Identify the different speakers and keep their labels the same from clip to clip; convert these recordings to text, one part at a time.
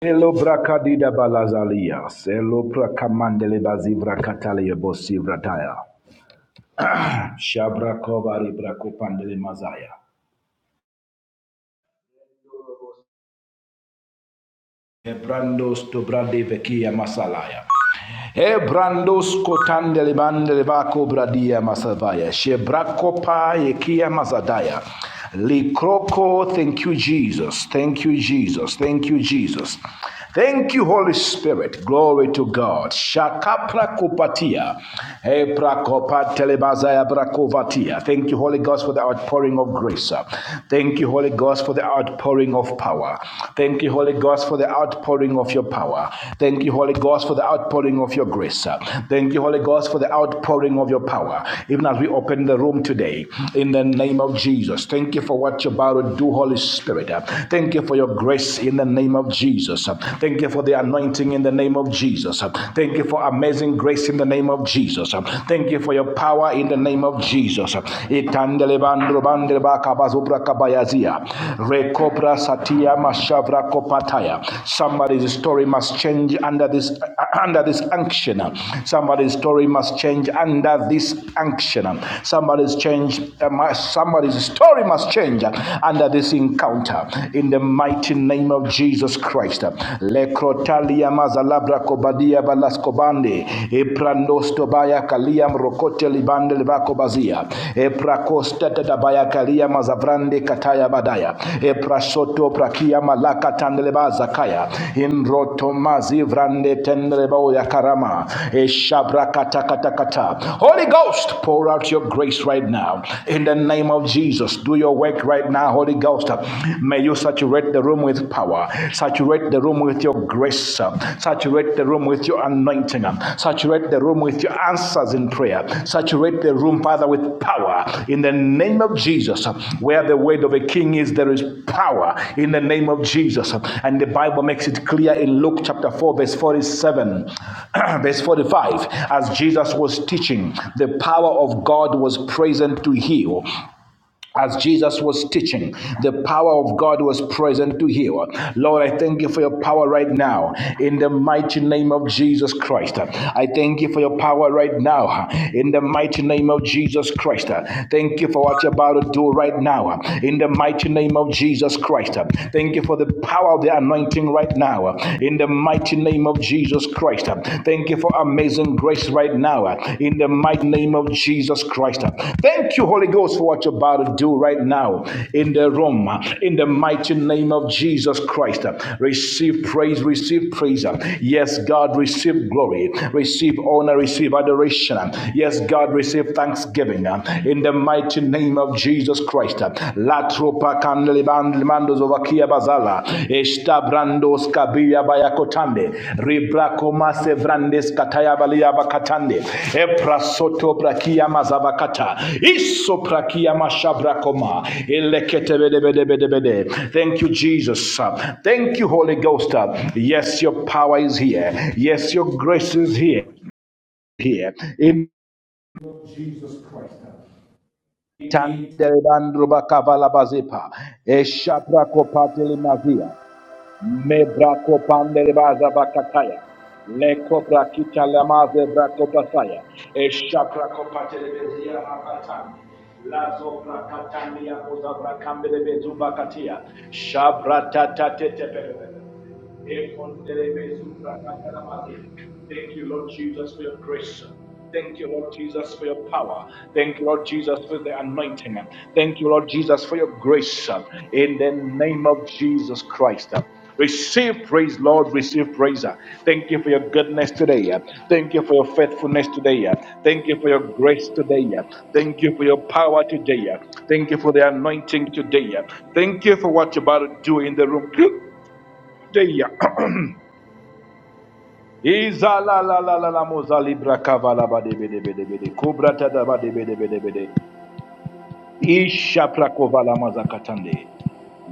Speaker 1: Elo brakadida balazalia, selo brakamandele bazivra katale bosivra taya. Shabra kovari brakopandele mazaya. Ebrandos to brande bekia masalaya. Hebrandos kotande libande libako bradia masavaya. Shebrakopa yekia mazadaya. Likroko, thank you, Jesus. Thank you, Jesus. Thank you, Jesus. Thank you, Holy Spirit. Glory to God. Shakapra kupatia. Hebra kopatelebazaya brakovatia. Thank you, Holy Ghost, for the outpouring of grace. Thank you, Holy Ghost, for the outpouring of power. Thank you, Holy Ghost, for the outpouring of your power. Thank you, Holy Ghost, for the outpouring of your grace. Thank you, Holy Ghost, for the outpouring of your power. Even as we open the room today, in the name of Jesus, thank you for what you're about to do, Holy Spirit. Thank you for your grace in the name of Jesus. Thank you for the anointing in the name of Jesus. Thank you for amazing grace in the name of Jesus. Thank you for your power in the name of Jesus. It. Matandele bandro bandre baka bazubra kabayazia. Rekopra satia mashavra kopataya. Somebody's story must change under this uh, under this unction. Somebody's story must change under this unction. Somebody's change uh, somebody's story must change under this encounter in the mighty name of Jesus Christ. Lekrotalia mazalabra kobadia balaskobande. Eprandosto baya kaliam rokote libande libako bazia. Eprakosta tata baya kalia mazavrande kataya badaya. Eprasoto prakia malaka tandeleba zakaya. Inroto mazi vrande tendeleba yakarama. Eshabra kata kata kata. Holy Ghost, pour out your grace right now. In the name of Jesus, do your work right now, Holy Ghost. May you saturate the room with power power. Saturate the room with your grace. Saturate the room with your anointing. Saturate the room with your answers in prayer. Saturate the room, Father, with power. In the name of Jesus, where the word of a king is, there is power. In the name of Jesus. And the Bible makes it clear in Luke chapter 4, verse 47, verse 45, as Jesus was teaching, the power of God was present to heal as Jesus was teaching, the power of God was present to heal. Lord, I thank you for your power right now in the mighty name of Jesus Christ. I thank you for your power right now in the mighty name of Jesus Christ. Thank you for what you're about to do right now in the mighty name of Jesus Christ. Thank you for the power of the anointing right now in the mighty name of Jesus Christ. Christ. Thank you for amazing grace right now uh, in the mighty name of Jesus Christ. Thank you, Holy Ghost, for what you're about to do right now in the room uh, in the mighty name of Jesus Christ. Receive praise, receive praise. Yes, God, receive glory, receive honor, receive adoration. Yes, God, receive thanksgiving uh, in the mighty name of Jesus Christ. La Tropa kandeli bandli mandos over kia bazala. Esta brandos kabia bayakotande. Ribrako mase vrandes kataya balia bakatande. Epra soto brakia mazabakata. Isso prakia Elekete bede bede bede bede. Thank you, Jesus. Thank you, Holy Ghost. Yes, your power is here. Yes, your grace is here. Here. Amen.
Speaker 2: Jesus Christ.
Speaker 1: Tandere bandruba kavala bazipa. Eshabra kopatele mazia. Mebrako panderebaza bakataya. Leko brakita lamaze brako pasaya. Eshakra kopatelebezia abatan. Lazo brakatania koza brakambelebezu bakatia. Shabrata tatete Thank you, Lord Jesus, for your grace. Thank you, Lord Jesus, for your power. Thank you, Lord Jesus, for the anointing. Thank you, Lord Jesus, for your grace. In the name of Jesus Christ. Receive praise, Lord. Receive praise. Thank you for your goodness today. Thank you for your faithfulness today. Thank you for your grace today. Thank you for your power today. Thank you for the anointing today. Thank you for what you're about to do in the room today. Iza la la la la la moza libra kavala bade bade bade bade be de be de kubra ta da bade bade bade bade be de be de isha prakovala maza katande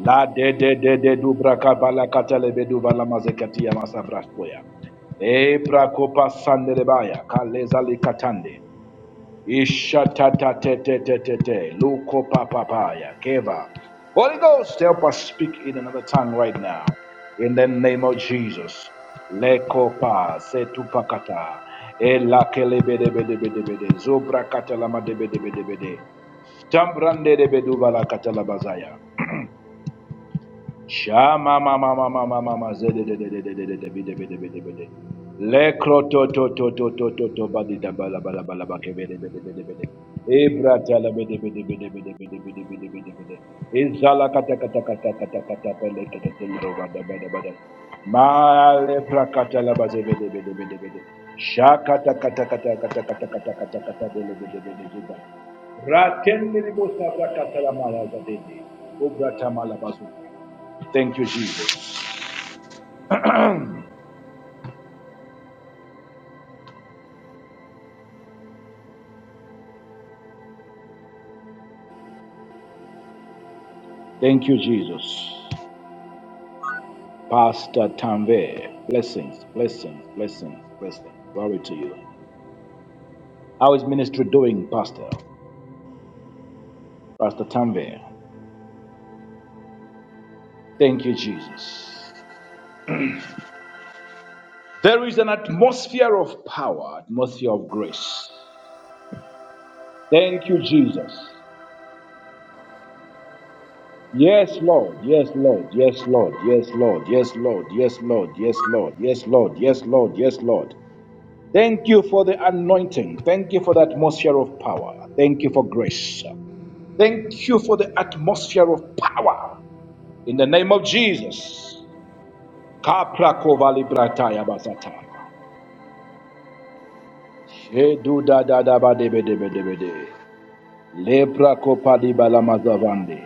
Speaker 1: la de de de de dubra kavala katale be duvala maza katia masa braskoya e prakopa sandelebaya kaleza likatande Ishatatatatatate, Luko papapaya, Keva. Holy Ghost, help us speak in another tongue right now. In the name of Jesus. Lekopa setupakata. Elakelebedebedebedebede. Zobrakatalamadebedebedebede. Tambrande de beduvala katalabazaya. Shama mama mama mama mama zede de de de de de de de de de de de de de de. Lekro to to to to to to to da ba la ba ba ke be de be de be de be de. Ebra ta la be de be de be de be de be de be de be de be de be de. Izala kata kata kata kata kata pe kata te ba da ba da ba da. Ma le pra kata la ba ze be de be de be de be de. Sha kata kata kata kata kata kata kata kata be le be de be de be de. Rakendiri bosa pra kata la ma za de de. Obra ta ma ba zu. Thank you, Jesus. Thank you, Jesus. Pastor Tanve, blessings, blessings, blessings, blessings. Glory to you. How is ministry doing, Pastor? Pastor Tanve. Thank you, Jesus. There is an atmosphere of power, atmosphere of grace. Thank you, Jesus. Yes, Lord. Yes, Lord. Yes, Lord. Yes, Lord. Yes, Lord. Yes, Lord. Yes, Lord. Yes, Lord. Yes, Lord. Yes, Lord. Thank you for the anointing. Thank you for the atmosphere of power. Thank you for grace. Thank you for the atmosphere of power. In the name of Jesus. Kapra kovali brataya basata. Shedu da da da ba de be de be de be de. Lepra kopali balamazavande.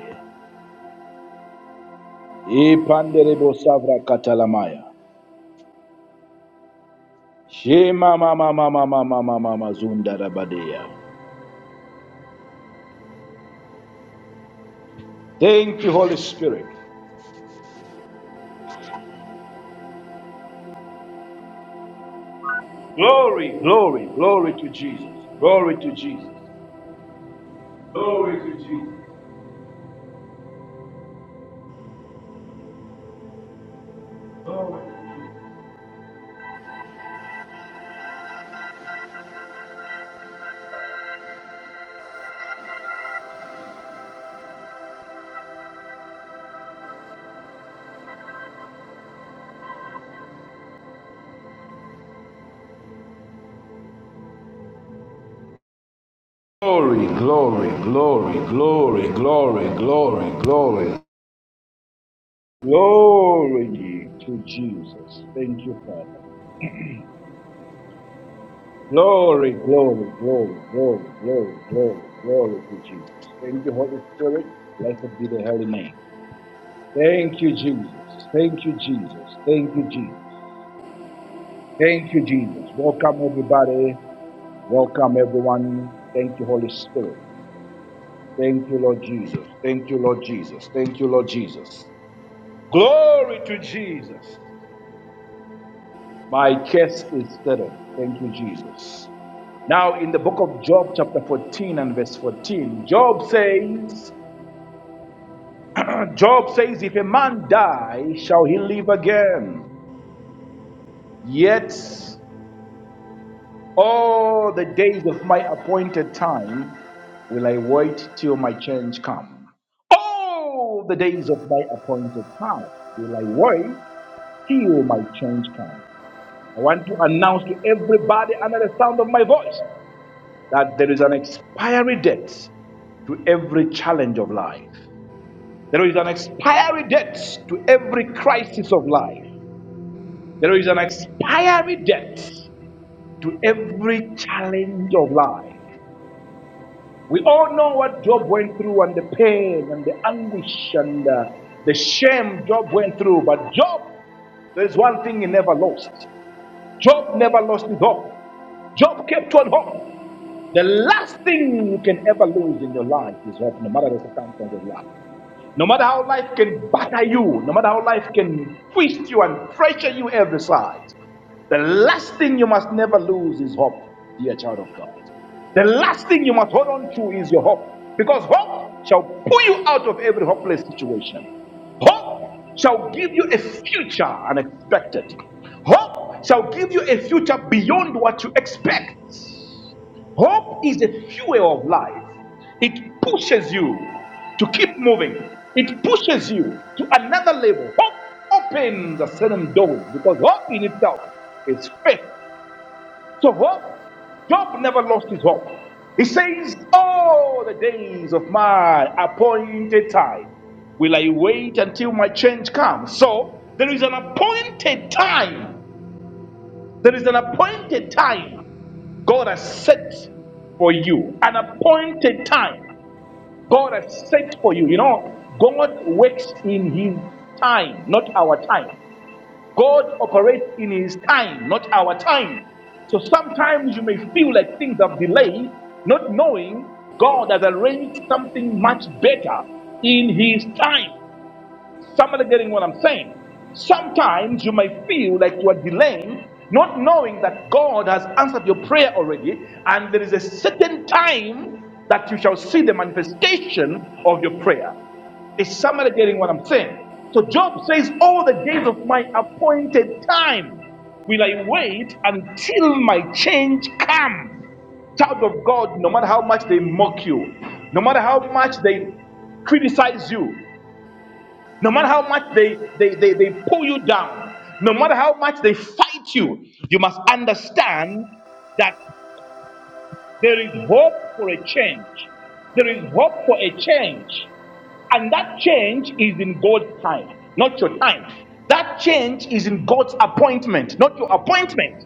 Speaker 1: Ipandere bosavra katalamaya. Shema mama mama mama mama mazunda rabadeya. Thank you, Holy Spirit. Glory, glory, glory to Jesus. Glory to Jesus. Glory to Jesus. Glory. to Jesus. Glory, glory, glory, glory, glory, glory, glory. Glory to Jesus. Thank you, Father. Glory, glory, glory, glory, glory, glory, glory to Jesus. Thank you, Holy Spirit. Blessed be the holy name. Thank you, Jesus. Thank you, Jesus. Thank you, Jesus. Thank you, Jesus. Welcome, everybody. Welcome, everyone. Thank you, Holy Spirit. Thank you, Lord Jesus. Thank you, Lord Jesus. Thank you, Lord Jesus. Glory to Jesus. My case is settled. Thank you, Jesus. Now, in the book of Job, chapter 14 and verse 14, Job says, Job says, If a man die, shall he live again? Yet all the days of my appointed time will I wait till my change come. All the days of my appointed time will I wait till my change come. I want to announce to everybody under the sound of my voice that there is an expiry date to every challenge of life. There is an expiry date to every crisis of life. There is an expiry date to every challenge of life. We all know what Job went through and the pain and the anguish and uh, the shame Job went through, but Job there's one thing he never lost. Job never lost his hope. Job kept on hope. The last thing you can ever lose in your life is hope, no matter the circumstance of life. No matter how life can batter you, no matter how life can twist you and pressure you every side, the last thing you must never lose is hope, dear child of God. The last thing you must hold on to is your hope, because hope shall pull you out of every hopeless situation. Hope shall give you a future unexpected. Hope shall give you a future beyond what you expect. Hope is the fuel of life. It pushes you to keep moving. It pushes you to another level. Hope opens a certain door because hope in itself is faith. So hope, Job never lost his hope. He says, "All the days of my appointed time will I wait until my change comes." So there is an appointed time. There is an appointed time God has set for you an appointed time. God has set for you. You know, God works in His time, not our time. God operates in His time, not our time. So sometimes you may feel like things have delayed, not knowing God has arranged something much better in His time. Somebody getting what I'm saying? Sometimes you may feel like you are delaying, not knowing that God has answered your prayer already, and there is a certain time that you shall see the manifestation of your prayer. Is somebody getting what I'm saying? So Job says, All the days of my appointed time will I wait until my change comes. Child of God, no matter how much they mock you, no matter how much they criticize you, no matter how much they, they, they, they pull you down, no matter how much they fight you, you must understand that there is hope for a change. There is hope for a change. And that change is in God's time, not your time. That change is in God's appointment, not your appointment.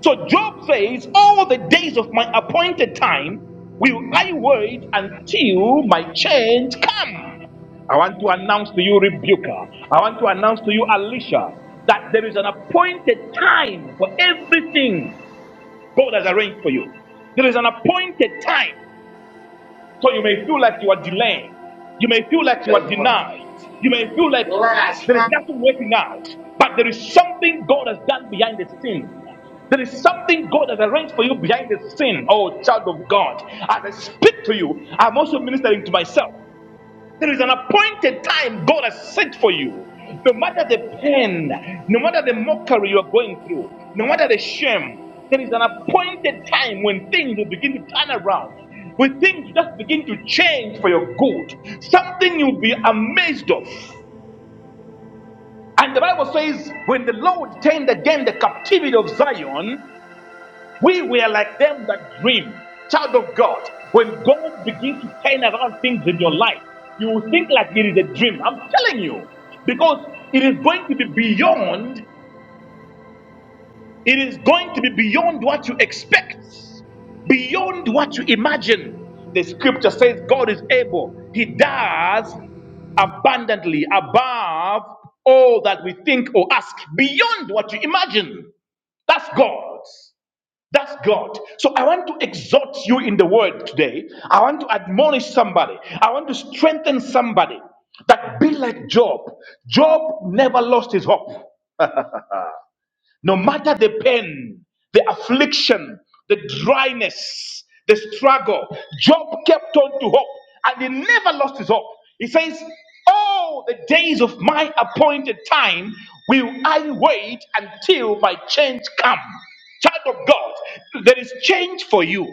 Speaker 1: So Job says, All the days of my appointed time will I wait until my change come. I want to announce to you, Rebuker, I want to announce to you, Alicia, that there is an appointed time for everything God has arranged for you. There is an appointed time. So you may feel like you are delaying, You may feel like you are
Speaker 3: Doesn't work.
Speaker 1: denied. You may feel like
Speaker 3: Last
Speaker 1: there is nothing working out. But there is something God has done behind the scenes. There is something God has arranged for you behind the scene, oh child of God. As I speak to you, I'm also ministering to myself. There is an appointed time God has set for you. No matter the pain, no matter the mockery you are going through, no matter the shame, there is an appointed time when things will begin to turn around. When things just begin to change for your good, something you'll be amazed of. And the Bible says, when the Lord turned again the captivity of Zion, we were like them that dream. Child of God, when God begins to turn around things in your life, you will think like it is a dream. I'm telling you. Because it is going to be beyond, it is going to be beyond what you expect, beyond what you imagine. The scripture says God is able, He does abundantly above all that we think or ask, beyond what you imagine. That's God. That's God. So I want to exhort you in the word today. I want to admonish somebody. I want to strengthen somebody that be like Job. Job never lost his hope. No matter the pain, the affliction, the dryness, the struggle, Job kept on to hope and he never lost his hope. He says, All the days of my appointed time will I wait until my change come. Child of God, there is change for you.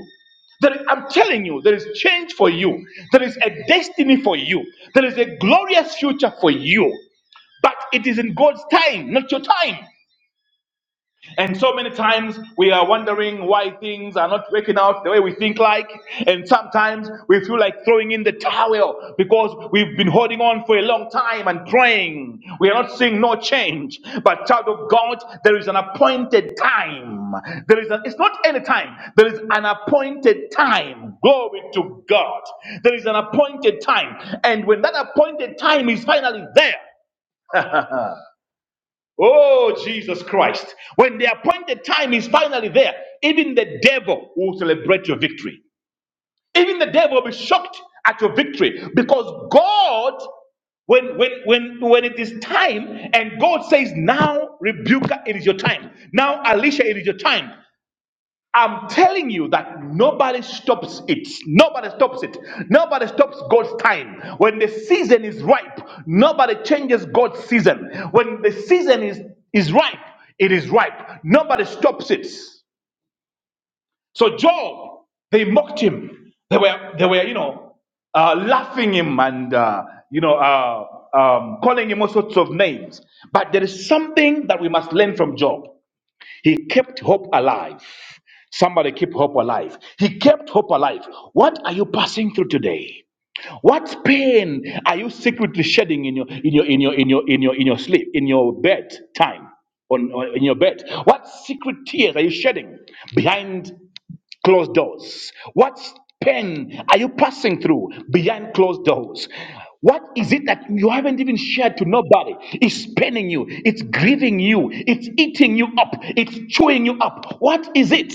Speaker 1: There, is- I'm telling you, there is change for you. There is a destiny for you. There is a glorious future for you. But it is in God's time, not your time. And so many times we are wondering why things are not working out the way we think like. And sometimes we feel like throwing in the towel because we've been holding on for a long time and praying. We are not seeing no change. But child of God, there is an appointed time. There is an, it's not any time. There is an appointed time. Glory to God. There is an appointed time. And when that appointed time is finally there, Oh, Jesus Christ. When the appointed time is finally there, even the devil will celebrate your victory. Even the devil will be shocked at your victory because God, when, when, when, when it is time and God says, now, Rebuka, it is your time. Now, Alicia, it is your time. I'm telling you that nobody stops it. Nobody stops it. Nobody stops God's time. When the season is ripe, nobody changes God's season. When the season is, is ripe, it is ripe. Nobody stops it. So Job, they mocked him. They were, they were, you know, uh, laughing him and uh, you know uh, um, calling him all sorts of names. But there is something that we must learn from Job. He kept hope alive. Somebody keep hope alive. He kept hope alive. What are you passing through today? What pain are you secretly shedding in your in your in your in your in your in your sleep in your bed time on, on in your bed? What secret tears are you shedding behind? closed doors? What pain are you passing through behind closed doors? What is it that you haven't even shared to nobody? It's paining you, it's grieving you, it's eating you up, it's chewing you up. What is it?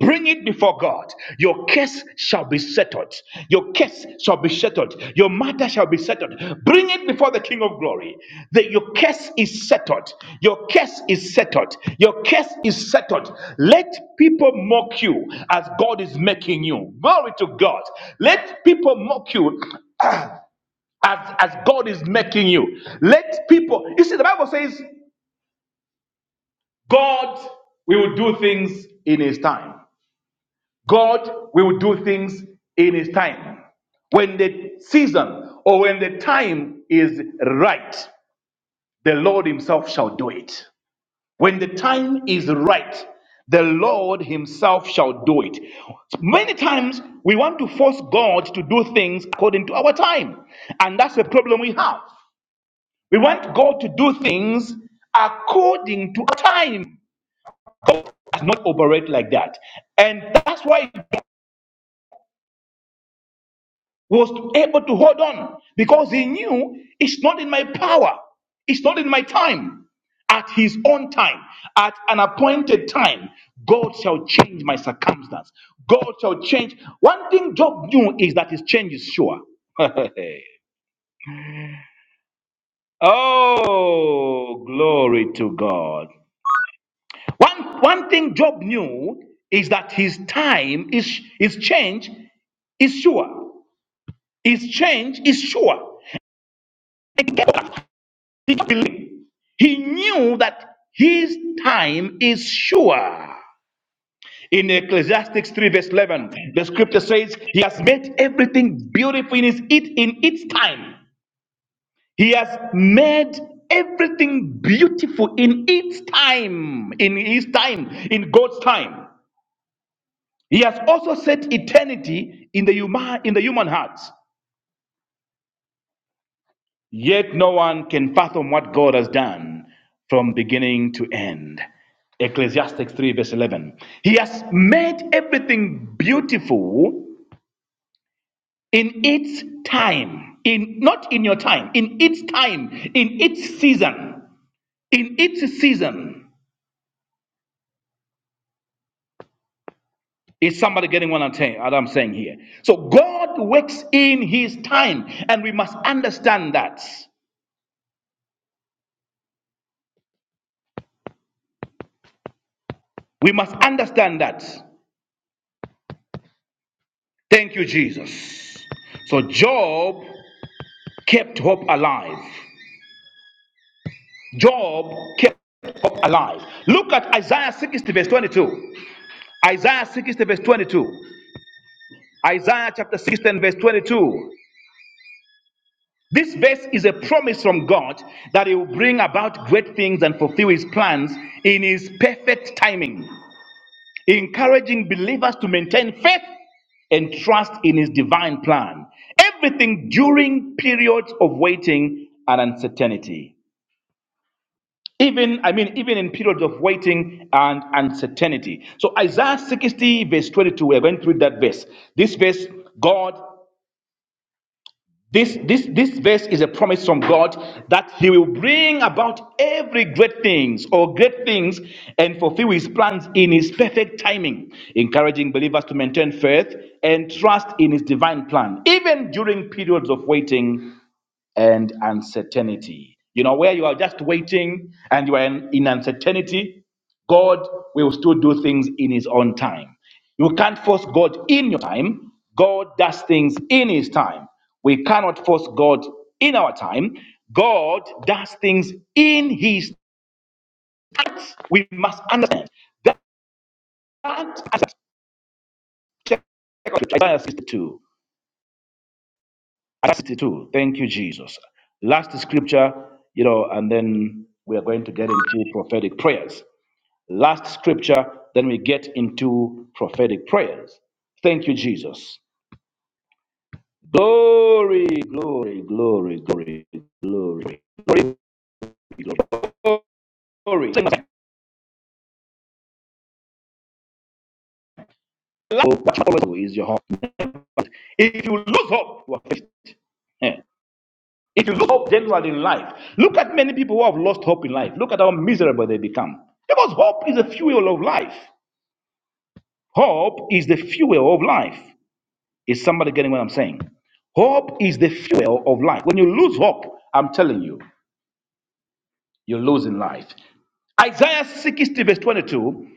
Speaker 1: Bring it before God. Your case shall be settled. Your case shall be settled. Your matter shall be settled. Bring it before the King of Glory. That your case is settled. Your case is settled. Your case is settled. Let people mock you as God is making you. Glory to God. Let people mock you as, as God is making you. Let people, you see, the Bible says, God will do things in His time. God will do things in His time. When the season or when the time is right, the Lord Himself shall do it. When the time is right, the Lord Himself shall do it. Many times we want to force God to do things according to our time, and that's the problem we have. We want God to do things according to our time. God does not operate like that. And that's why was able to hold on because he knew it's not in my power, it's not in my time. At his own time, at an appointed time, God shall change my circumstance. God shall change. One thing Job knew is that his change is sure. oh, glory to God. One, one thing Job knew is that his time is his change is sure. His change is sure. And guess what? Did you He knew that his time is sure. In Ecclesiastes 3, verse 11, the scripture says, He has made everything beautiful in, its in its time. He has made everything beautiful in its time, in His time, in God's time. He has also set eternity in the human, in the human hearts." Yet no one can fathom what God has done from beginning to end. Ecclesiastes 3, verse 11. He has made everything beautiful in its time. In not in your time, in its time, in its season, in its season. Is somebody getting what I'm saying? What I'm saying here. So God works in His time, and we must understand that. We must understand that. Thank you, Jesus. So Job kept hope alive. Job kept hope alive. Look at Isaiah 60, verse 22. Isaiah 60, verse 22. Isaiah chapter 60, and verse 22. This verse is a promise from God that He will bring about great things and fulfill His plans in His perfect timing, encouraging believers to maintain faith and trust in His divine plan. Everything during periods of waiting and uncertainty. even i mean even in periods of waiting and uncertainty so isaiah 60 verse 22 we're going through that verse this verse god this this this verse is a promise from god that he will bring about every great things or great things and fulfill his plans in his perfect timing encouraging believers to maintain faith and trust in his divine plan even during periods of waiting and uncertainty. You know, where you are just waiting and you are in, in uncertainty, God will still do things in His own time. You can't force God in your time, God does things in His time. We cannot force God in our time, God does things in His time. We must understand that. that Isaiah 62. Isaiah 62. Thank you, Jesus. Last scripture, you know, and then we are going to get into prophetic prayers. Last scripture, then we get into prophetic prayers. Thank you, Jesus. Glory, glory, glory, glory, glory, glory, glory. Is your hope. If you lose hope, you are finished. Eh. It is hope generally in life. Look at many people who have lost hope in life. Look at how miserable they become. Because hope is the fuel of life. Hope is the fuel of life. Is somebody getting what I'm saying? Hope is the fuel of life. When you lose hope, I'm telling you, you're losing life. Isaiah 60, verse 22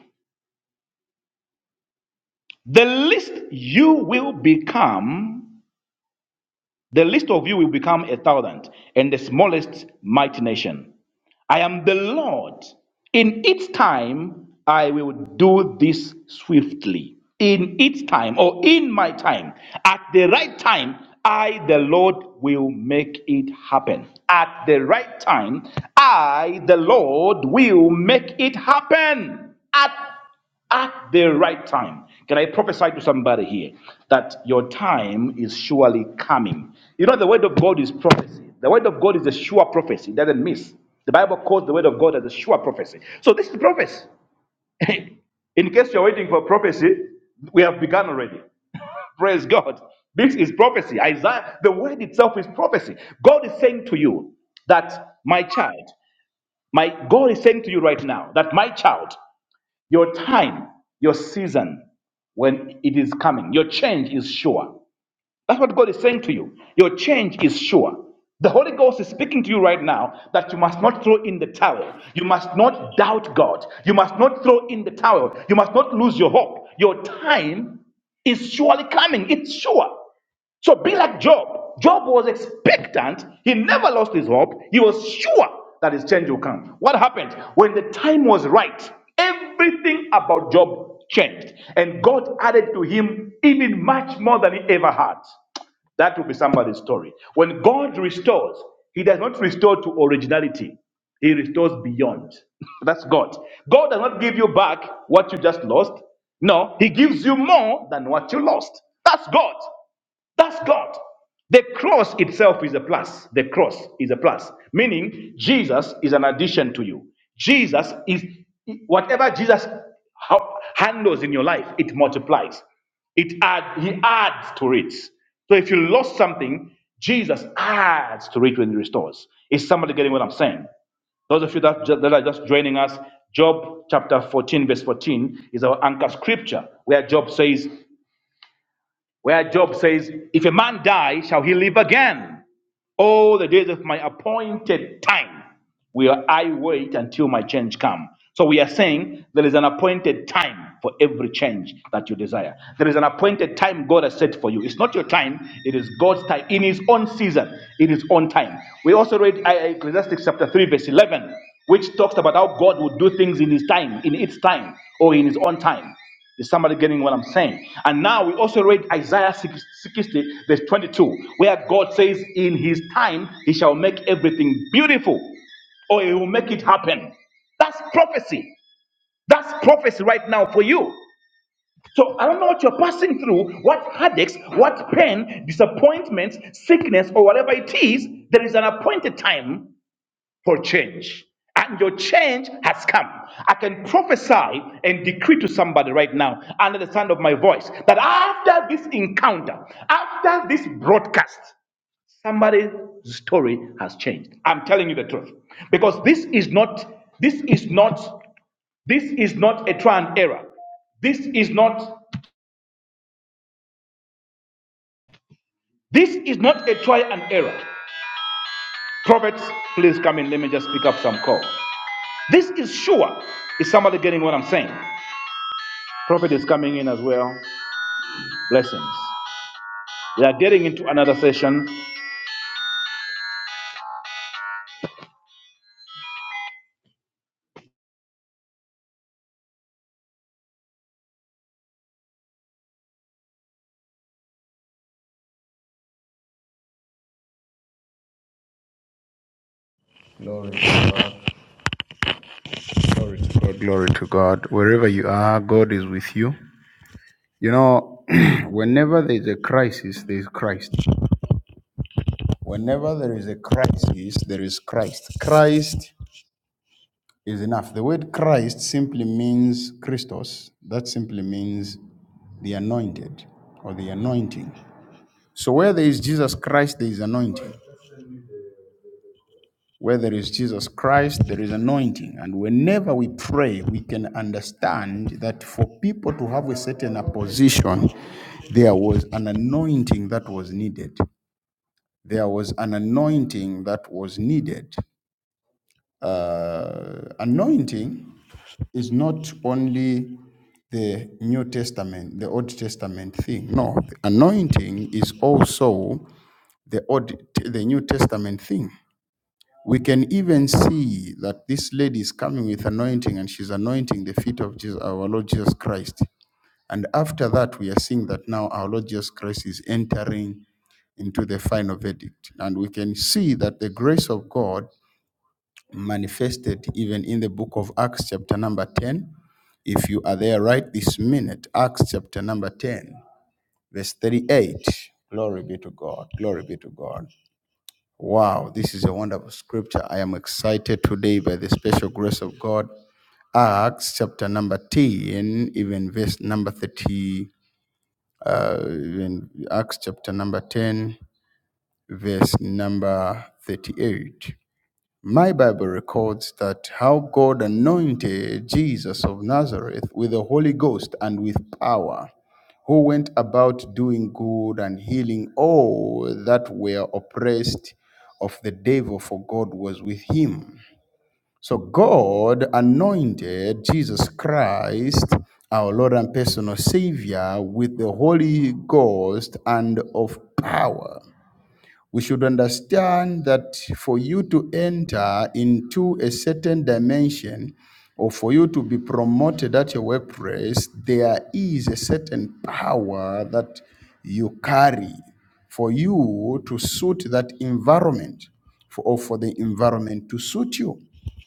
Speaker 1: the least you will become, the least of you will become a thousand, and the smallest mighty nation. I am the Lord. In its time, I will do this swiftly. In its time, or in my time, at the right time, I, the Lord, will make it happen. At the right time, I, the Lord, will make it happen. At at the right time. Can I prophesy to somebody here that your time is surely coming? You know, the word of God is prophecy. The word of God is a sure prophecy. It doesn't miss. The Bible calls the word of God as a sure prophecy. So this is prophecy. In case you're waiting for prophecy, we have begun already. Praise God. This is prophecy. Isaiah, the word itself is prophecy. God is saying to you that my child, my God is saying to you right now that my child, your time, your season, when it is coming, your change is sure. That's what God is saying to you. Your change is sure. The Holy Ghost is speaking to you right now that you must not throw in the towel. You must not doubt God. You must not throw in the towel. You must not lose your hope. Your time is surely coming. It's sure. So be like Job. Job was expectant. He never lost his hope. He was sure that his change will come. What happened? When the time was right, everything about Job changed. And God added to him even much more than he ever had. That will be somebody's story. When God restores, he does not restore to originality. He restores beyond. That's God. God does not give you back what you just lost. No, He gives you more than what you lost. That's God. That's God. The cross itself is a plus. The cross is a plus, meaning Jesus is an addition to you. Jesus is whatever Jesus handles in your life, it multiplies. It add, he adds to it. So if you lost something, Jesus adds to it when he restores. Is somebody getting what I'm saying? Those of you that, that are just joining us, Job chapter 14, verse 14 is our anchor scripture where Job says, where Job says, If a man die, shall he live again? All the days of my appointed time will I wait until my change come. So we are saying there is an appointed time for every change that you desire. There is an appointed time God has set for you. It's not your time, it is God's time. In his own season, in his own time. We also read uh, Ecclesiastes chapter 3, verse 11, which talks about how God would do things in his time, in its time, or in his own time. Is somebody getting what I'm saying? And now we also read Isaiah 60, verse 22, where God says, In his time, he shall make everything beautiful, or he will make it happen. That's prophecy. That's prophecy right now for you. So I don't know what you're passing through, what headaches, what pain, disappointments, sickness, or whatever it is. There is an appointed time for change. And your change has come. I can prophesy and decree to somebody right now, under the sound of my voice, that after this encounter, after this broadcast, somebody's story has changed. I'm telling you the truth. Because this is not, this is not, this is not a trial and error. This is not, this is not a trial and error. Prophets, please come in. Let me just pick up some call. This is sure. Is somebody getting what I'm saying? Prophet is coming in as well. Blessings. We are getting into another session.
Speaker 2: Glory to God. Glory to God. Glory to God. Wherever you are, God is with you. You know, whenever there is a crisis, there is Christ. Whenever there is a crisis, there is Christ. Christ is enough. The word Christ simply means Christos. That simply means the anointed or the anointing. So where there is Jesus Christ, there is anointing. Where there is Jesus Christ, there is anointing. And whenever we pray, we can understand that for people to have a certain position, there was an anointing that was needed. There was an anointing that was needed. Uh, anointing is not only the New Testament, the Old Testament thing. No, the anointing is also the Old, the New Testament thing. We can even see that this lady is coming with anointing and she's anointing the feet of Jesus, our Lord Jesus Christ. And after that, we are seeing that now our Lord Jesus Christ is entering into the final verdict. And we can see that the grace of God manifested even in the book of Acts, chapter number 10. If you are there right this minute, Acts chapter number 10, verse 38. Glory be to God. Glory be to God. Wow, this is a wonderful scripture. I am excited today by the special grace of God. Acts chapter number 10, even verse number 30, uh, even Acts chapter number 10, verse number 38. My Bible records that how God anointed Jesus of Nazareth with the Holy Ghost and with power who went about doing good and healing all that were oppressed of the devil, for God was with him. So God anointed Jesus Christ, our Lord and personal Savior, with the Holy Ghost and of power we should understand that for you to enter into a certain dimension or for you to be promoted at your workplace, there is a certain power that you carry for you to suit that environment for, or for the environment to suit you.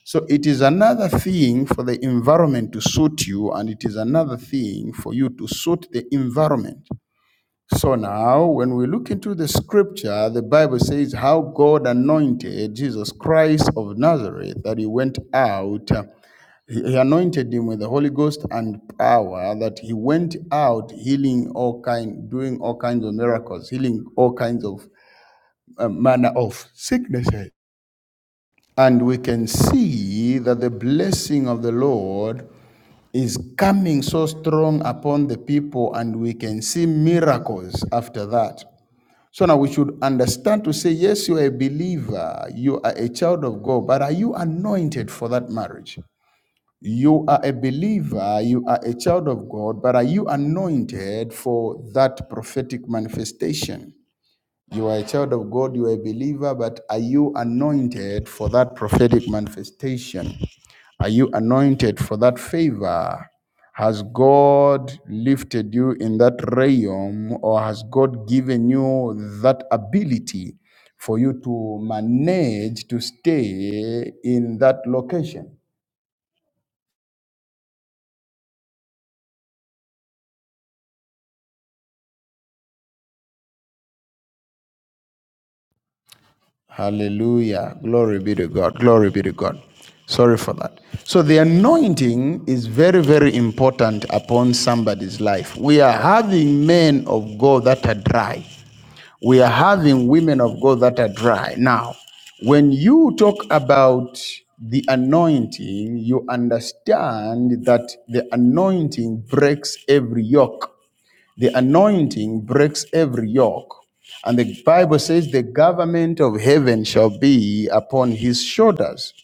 Speaker 2: So it is another thing for the environment to suit you, and it is another thing for you to suit the environment. So now, when we look into the scripture, the Bible says how God anointed Jesus Christ of Nazareth, that he went out, uh, he he anointed him with the Holy Ghost and power, that he went out healing all kind, doing all kinds of miracles, healing all kinds of uh, manner of sicknesses. And we can see that the blessing of the Lord is coming so strong upon the people, and we can see miracles after that. So now we should understand to say, yes, you are a believer, you are a child of God, but are you anointed for that marriage? You are a believer, you are a child of God, but are you anointed for that prophetic manifestation? You are a child of God, you are a believer, but are you anointed for that prophetic manifestation? Are you anointed for that favor? Has God lifted you in that realm or has God given you that ability for you to manage to stay in that location? Hallelujah. Glory be to God. Glory be to God. Sorry for that. So, the anointing is very, very important upon somebody's life. We are having men of God that are dry. We are having women of God that are dry. Now, when you talk about the anointing, you understand that the anointing breaks every yoke. The anointing breaks every yoke. And the Bible says the government of heaven shall be upon his shoulders.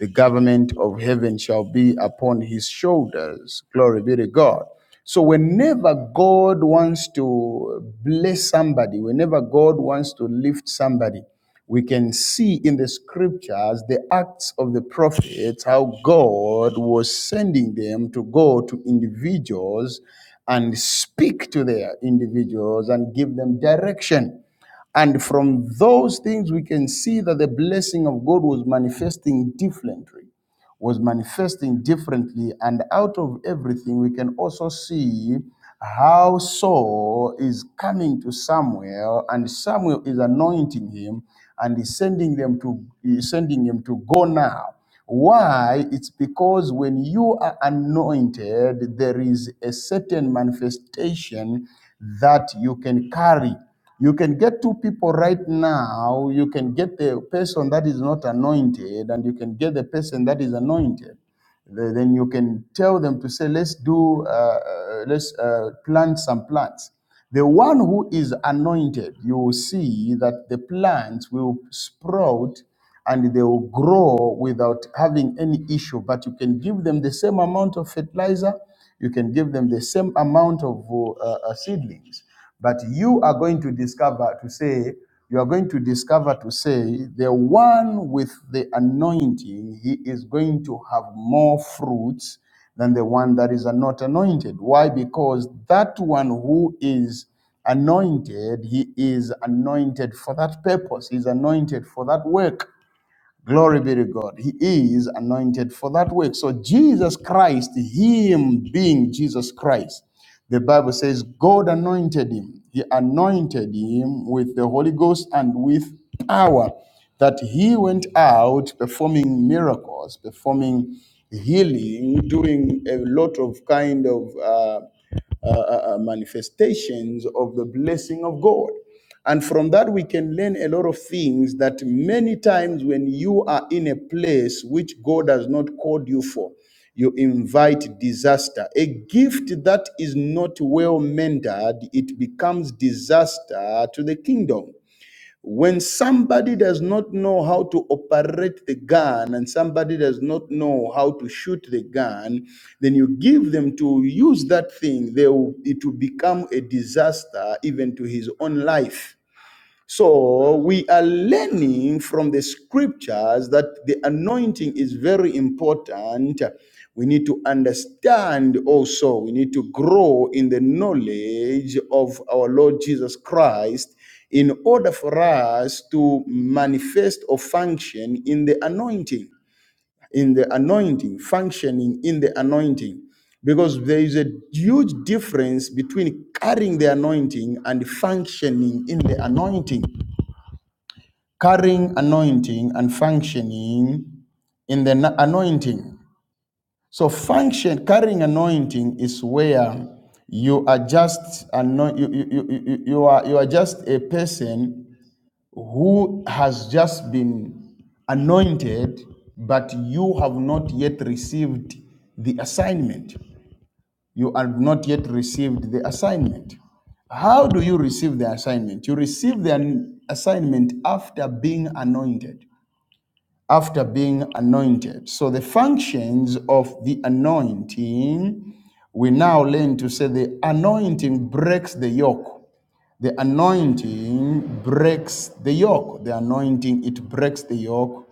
Speaker 2: The government of heaven shall be upon his shoulders. Glory be to God. So, whenever God wants to bless somebody, whenever God wants to lift somebody, we can see in the scriptures the acts of the prophets, how God was sending them to go to individuals and speak to their individuals and give them direction. And from those things, we can see that the blessing of God was manifesting differently, was manifesting differently. And out of everything, we can also see how Saul is coming to Samuel, and Samuel is anointing him and is sending them to is sending him to go now. Why? It's because when you are anointed, there is a certain manifestation that you can carry. You can get two people right now. You can get the person that is not anointed, and you can get the person that is anointed. Th- Then you can tell them to say, "Let's do, uh, uh, let's uh, plant some plants." The one who is anointed, you will see that the plants will sprout and they will grow without having any issue. But you can give them the same amount of fertilizer you can give them the same amount of uh, uh, seedlings, but you are going to discover to say, you are going to discover to say, the one with the anointing, he is going to have more fruits than the one that is not anointed. Why? Because that one who is anointed, he is anointed for that purpose, he's anointed for that work. Glory be to God. He is anointed for that work. So Jesus Christ, him being Jesus Christ, the Bible says God anointed him. He anointed him with the Holy Ghost and with power that he went out performing miracles, performing healing, doing a lot of kind of uh, uh, uh, uh, manifestations of the blessing of God. And from that, we can learn a lot of things that many times when you are in a place which God has not called you for, you invite disaster. A gift that is not well mentored, it becomes disaster to the kingdom. When somebody does not know how to operate the gun and somebody does not know how to shoot the gun, then you give them to use that thing, they will, it will become a disaster even to his own life. So we are learning from the scriptures that the anointing is very important. We need to understand also, we need to grow in the knowledge of our Lord Jesus Christ in order for us to manifest or function in the anointing, in the anointing, functioning in the anointing. Because there is a huge difference between carrying the anointing and functioning in the anointing carrying anointing and functioning in the na- anointing. So function carrying anointing is where you are just anoint, you, you, you, you, you are you are just a person who has just been anointed, but you have not yet received the assignment. You have not yet received the assignment. How do you receive the assignment? You receive the an- assignment after being anointed after being anointed. So the functions of the anointing, we now learn to say the anointing breaks the yoke. The anointing breaks the yoke. The anointing, it breaks the yoke.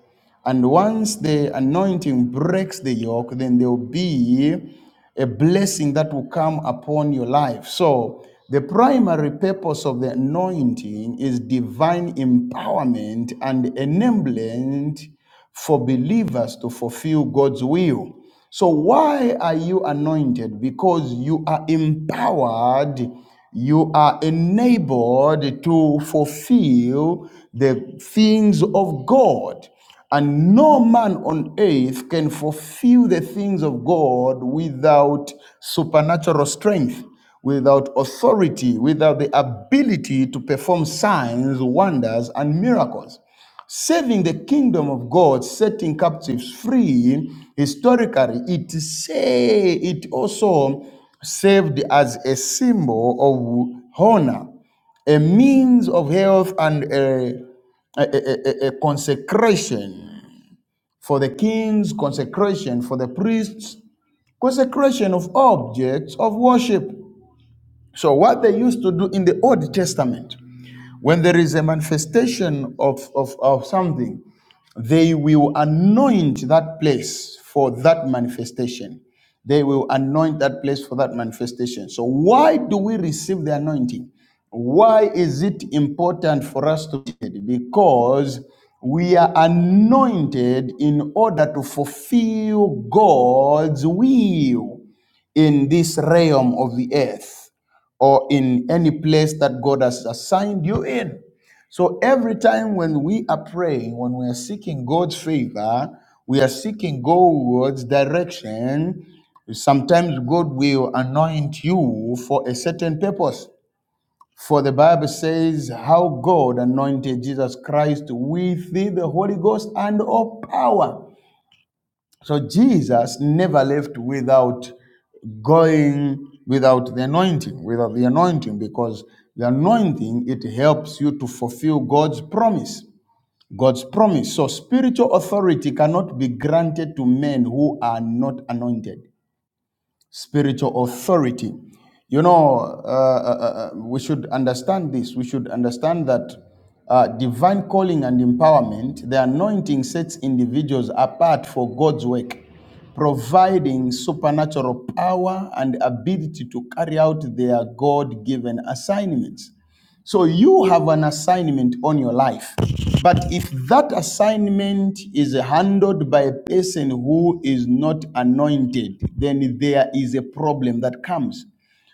Speaker 2: And once the anointing breaks the yoke, then there will be a blessing that will come upon your life. So, the primary purpose of the anointing is divine empowerment and enablement for believers to fulfill God's will. So, why are you anointed? Because you are empowered, you are enabled to fulfill the things of God. And no man on earth can fulfill the things of God without supernatural strength, without authority, without the ability to perform signs, wonders, and miracles. Saving the kingdom of God, setting captives free, historically, it say it also served as a symbol of honor, a means of health and a, a, a, a a consecration for the king's consecration, for the priest's consecration of objects of worship. So, what they used to do in the Old Testament when there is a manifestation of, of, of something, they will anoint that place for that manifestation. They will anoint that place for that manifestation. So, why do we receive the anointing? Why is it important for us to? do? it? Because we are anointed in order to fulfill God's will in this realm of the earth or in any place that God has assigned you in. So every time when we are praying, when we are seeking God's favor, we are seeking God's direction. Sometimes God will anoint you for a certain purpose. For the Bible says how God anointed Jesus Christ with the Holy Ghost and all power. So Jesus never left without going without the anointing, without the anointing, because the anointing it helps you to fulfill God's promise. God's promise. So spiritual authority cannot be granted to men who are not anointed spiritual authority. You know, uh, uh, uh, uh, we should understand this. We should understand that uh, divine calling and empowerment, the anointing sets individuals apart for God's work, providing supernatural power and ability to carry out their God given assignments. So you have an assignment on your life. But if that assignment is handled by a person who is not anointed, then there is a problem that comes.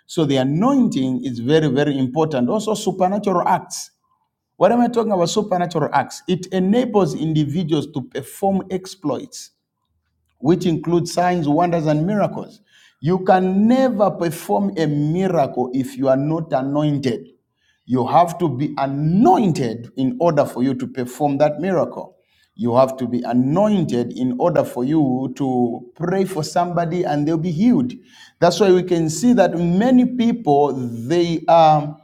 Speaker 2: So the anointing is very, very important. Also, supernatural acts. What am I talking about? Supernatural acts. It enables individuals to perform exploits, which include signs, wonders, and miracles. You can never perform a miracle if you are not anointed. You have to be anointed in order for you to perform that miracle. You have to be anointed in order for you to pray for somebody and they'll be healed. That's why we can see that many people, they are.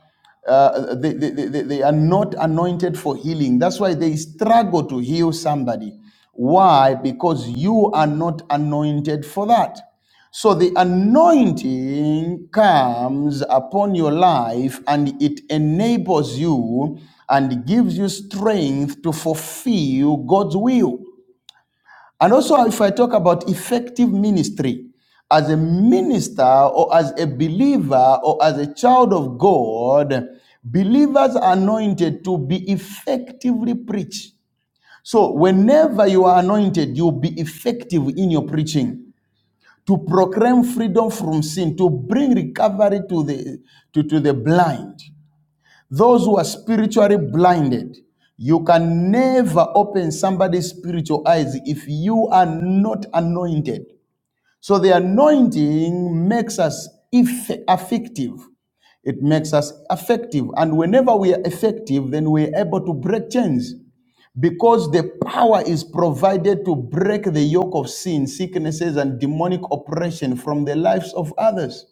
Speaker 2: Uh, they, they, they, they are not anointed for healing. That's why they struggle to heal somebody. Why? Because you are not anointed for that. So the anointing comes upon your life and it enables you and gives you strength to fulfill God's will. And also, if I talk about effective ministry, as a minister or as a believer or as a child of God, believers are anointed to be effectively preached. So, whenever you are anointed, you'll be effective in your preaching to proclaim freedom from sin, to bring recovery to the, to, to the blind. Those who are spiritually blinded, you can never open somebody's spiritual eyes if you are not anointed. So the anointing makes us effective. It makes us effective. And whenever we are effective, then we're able to break chains because the power is provided to break the yoke of sin, sicknesses, and demonic oppression from the lives of others.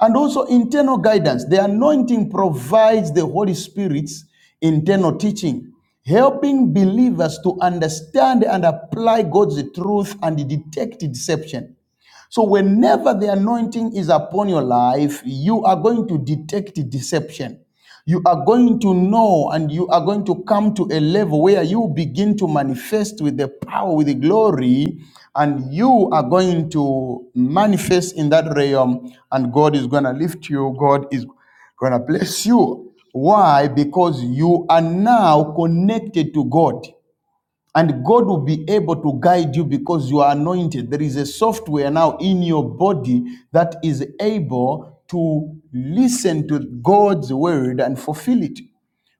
Speaker 2: And also internal guidance. The anointing provides the Holy Spirit's internal teaching, helping believers to understand and apply God's truth and detect deception. So, whenever the anointing is upon your life, you are going to detect deception. You are going to know and you are going to come to a level where you begin to manifest with the power, with the glory, and you are going to manifest in that realm, and God is going to lift you. God is going to bless you. Why? Because you are now connected to God. And God will be able to guide you because you are anointed. There is a software now in your body that is able to listen to God's word and fulfill it.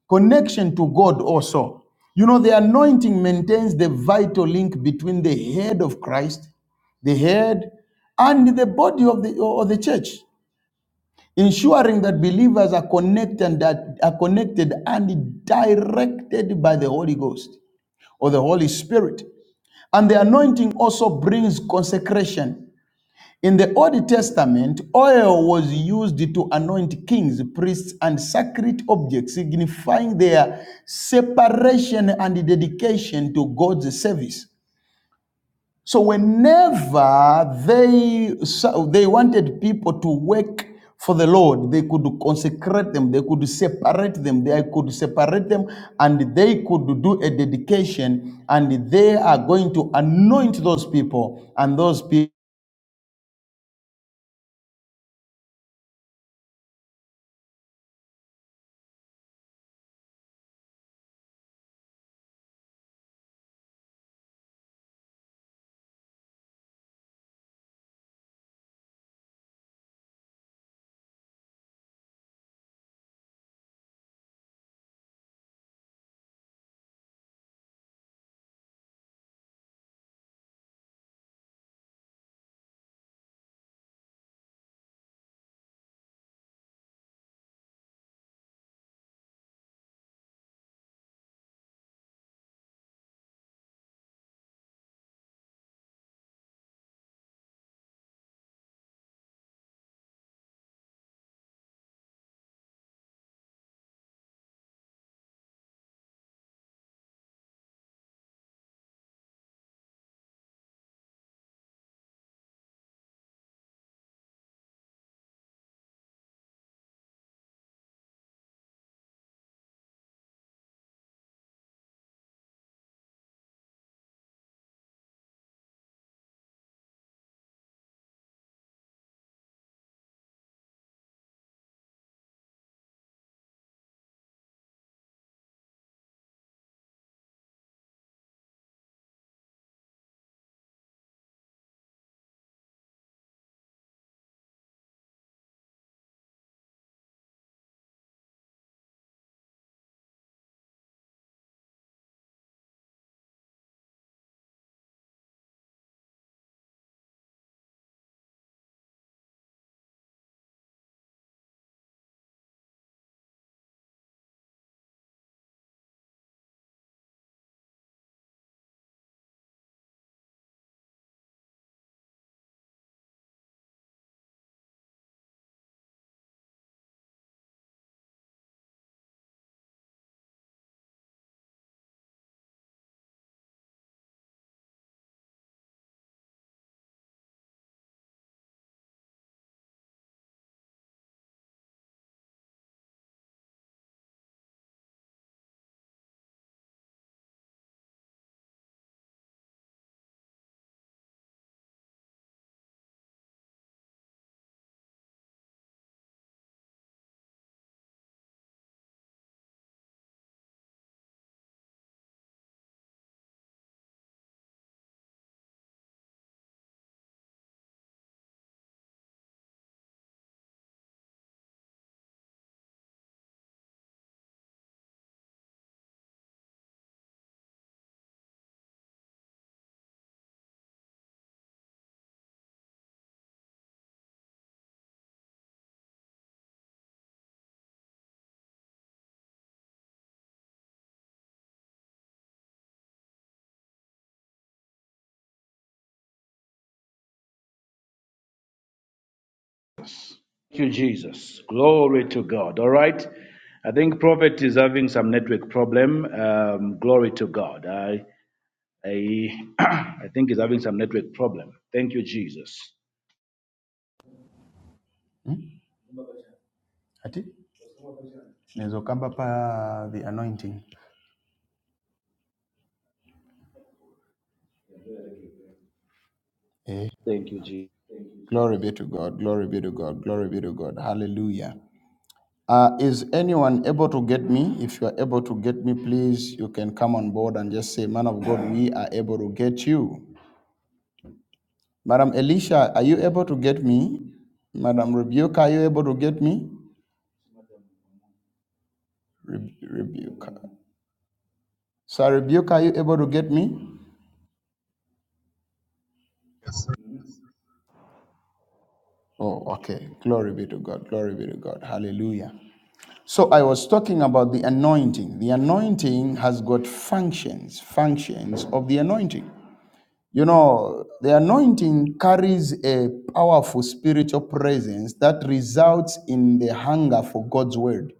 Speaker 2: Connection to God also. You know, the anointing maintains the vital link between the head of Christ, the head, and the body of the, or the church, ensuring that believers are connected and that are connected and directed by the Holy Ghost or the Holy Spirit. And the anointing also brings consecration. In the Old Testament, oil was used to anoint kings, priests, and sacred objects, signifying their separation and dedication to God's service. So whenever they so they wanted people to work for the Lord, they could consecrate them, they could separate them, they could separate them, and they could do a dedication, and they are going to anoint those people, and those people.
Speaker 1: Thank you, Jesus. Glory to God. All right. I think Prophet is having some network problem. Um, glory to God. I, I, I think he's having some network problem. Thank you, Jesus.
Speaker 2: the anointing. Eh,
Speaker 1: Thank you, Jesus.
Speaker 2: Glory be to God. Glory be to God. Glory be to God. Hallelujah. Uh, is anyone able to get me? If you are able to get me, please, you can come on board and just say, Man of God, we are able to get you. Madam Elisha, are you able to get me? Madam Rebuka, are you able to get me? Re- Rebuka. Sir Rebuka, are you able to get me?
Speaker 4: Yes,
Speaker 2: Oh, okay. Glory be to God. Glory be to God. Hallelujah. So I was talking about the anointing. The anointing has got functions, functions of the anointing. You know, the anointing carries a powerful spiritual presence that results in the hunger for God's word.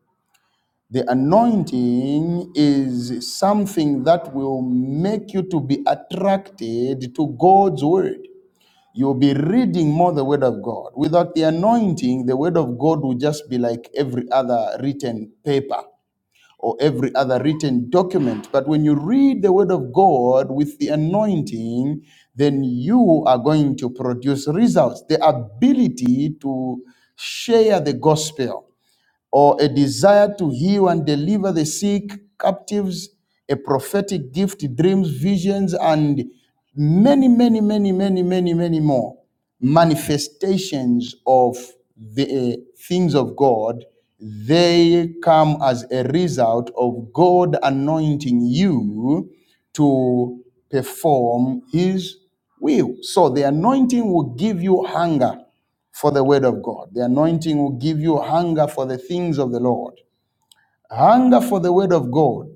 Speaker 2: The anointing is something that will make you to be attracted to God's word. You'll be reading more the word of God. Without the anointing, the word of God will just be like every other written paper or every other written document. But when you read the Word of God with the anointing, then you are going to produce results, the ability to share the gospel or a desire to heal and deliver the sick, captives, a prophetic gift, dreams, visions, and many, many, many, many, many, many more manifestations of the uh, things of God. They come as a result of God anointing you to perform His will. So the anointing will give you hunger for the word of God. The anointing will give you hunger for the things of the Lord, hunger for the word of God,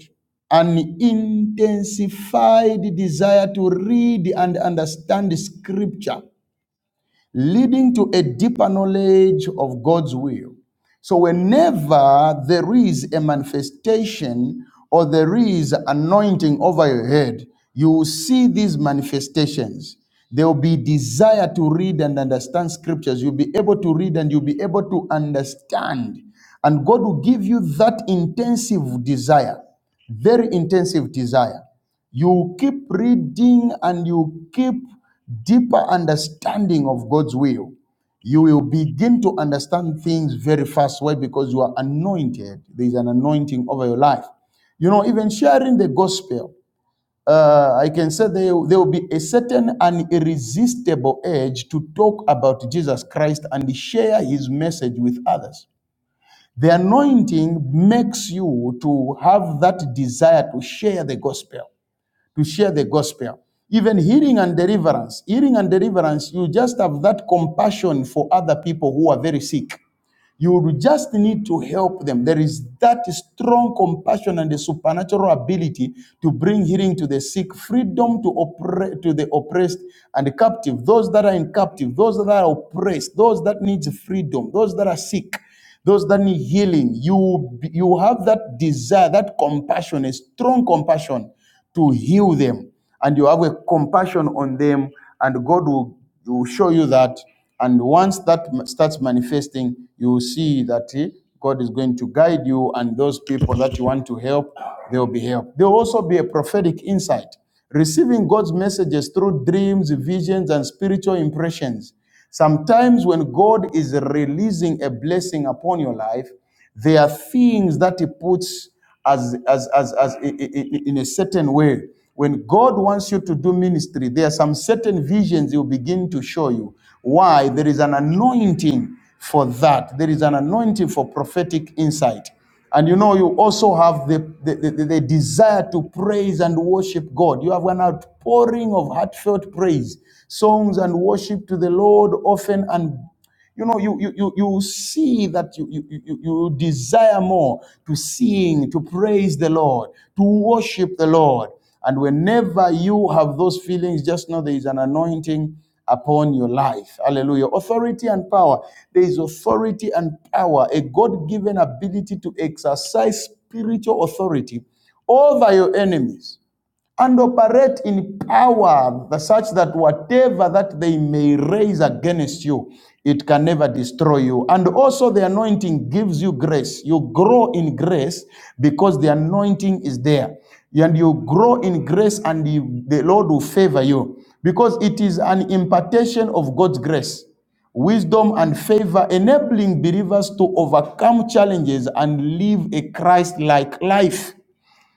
Speaker 2: an intensified desire to read and understand scripture leading to a deeper knowledge of God's will. So, whenever there is a manifestation or there is anointing over your head, you will see these manifestations. There will be desire to read and understand scriptures. You'll be able to read and you'll be able to understand. And God will give you that intensive desire, very intensive desire. You keep reading and you keep deeper understanding of God's will. You will begin to understand things very fast. Why? Because you are anointed. There is an anointing over your life. You know, even sharing the gospel, uh, I can say there, there will be a certain and irresistible urge to talk about Jesus Christ and share his message with others. The anointing makes you to have that desire to share the gospel to share the gospel. Even healing and deliverance. Healing and deliverance, you just have that compassion for other people who are very sick. You just need to help them. There is that strong compassion and the supernatural ability to bring healing to the sick, freedom to oppre- to the oppressed and the captive, those that are in captive, those that are oppressed, those that need freedom, those that are sick, those that need healing. You you have that desire, that compassion, a strong compassion to heal them and you have a compassion on them and god will, will show you that and once that starts manifesting you will see that eh, god is going to guide you and those people that you want to help they will be helped there will also be a prophetic insight receiving god's messages through dreams visions and spiritual impressions sometimes when god is releasing a blessing upon your life there are things that he puts as, as, as, as in a certain way. When God wants you to do ministry, there are some certain visions he'll begin to show you. Why? There is an anointing for that. There is an anointing for prophetic insight. And you know, you also have the, the, the, the desire to praise and worship God. You have an outpouring of heartfelt praise, songs and worship to the Lord often and you know you you you, you see that you, you you you desire more to sing to praise the lord to worship the lord and whenever you have those feelings just know there is an anointing upon your life hallelujah authority and power there is authority and power a god-given ability to exercise spiritual authority over your enemies and operate in power such that whatever that they may raise against you it can never destroy you and also the anointing gives you grace you grow in grace because the anointing is there and you grow in grace and you- the lord will favor you because it is an impartation of god's grace wisdom and favor enabling believers to overcome challenges and live a christ-like life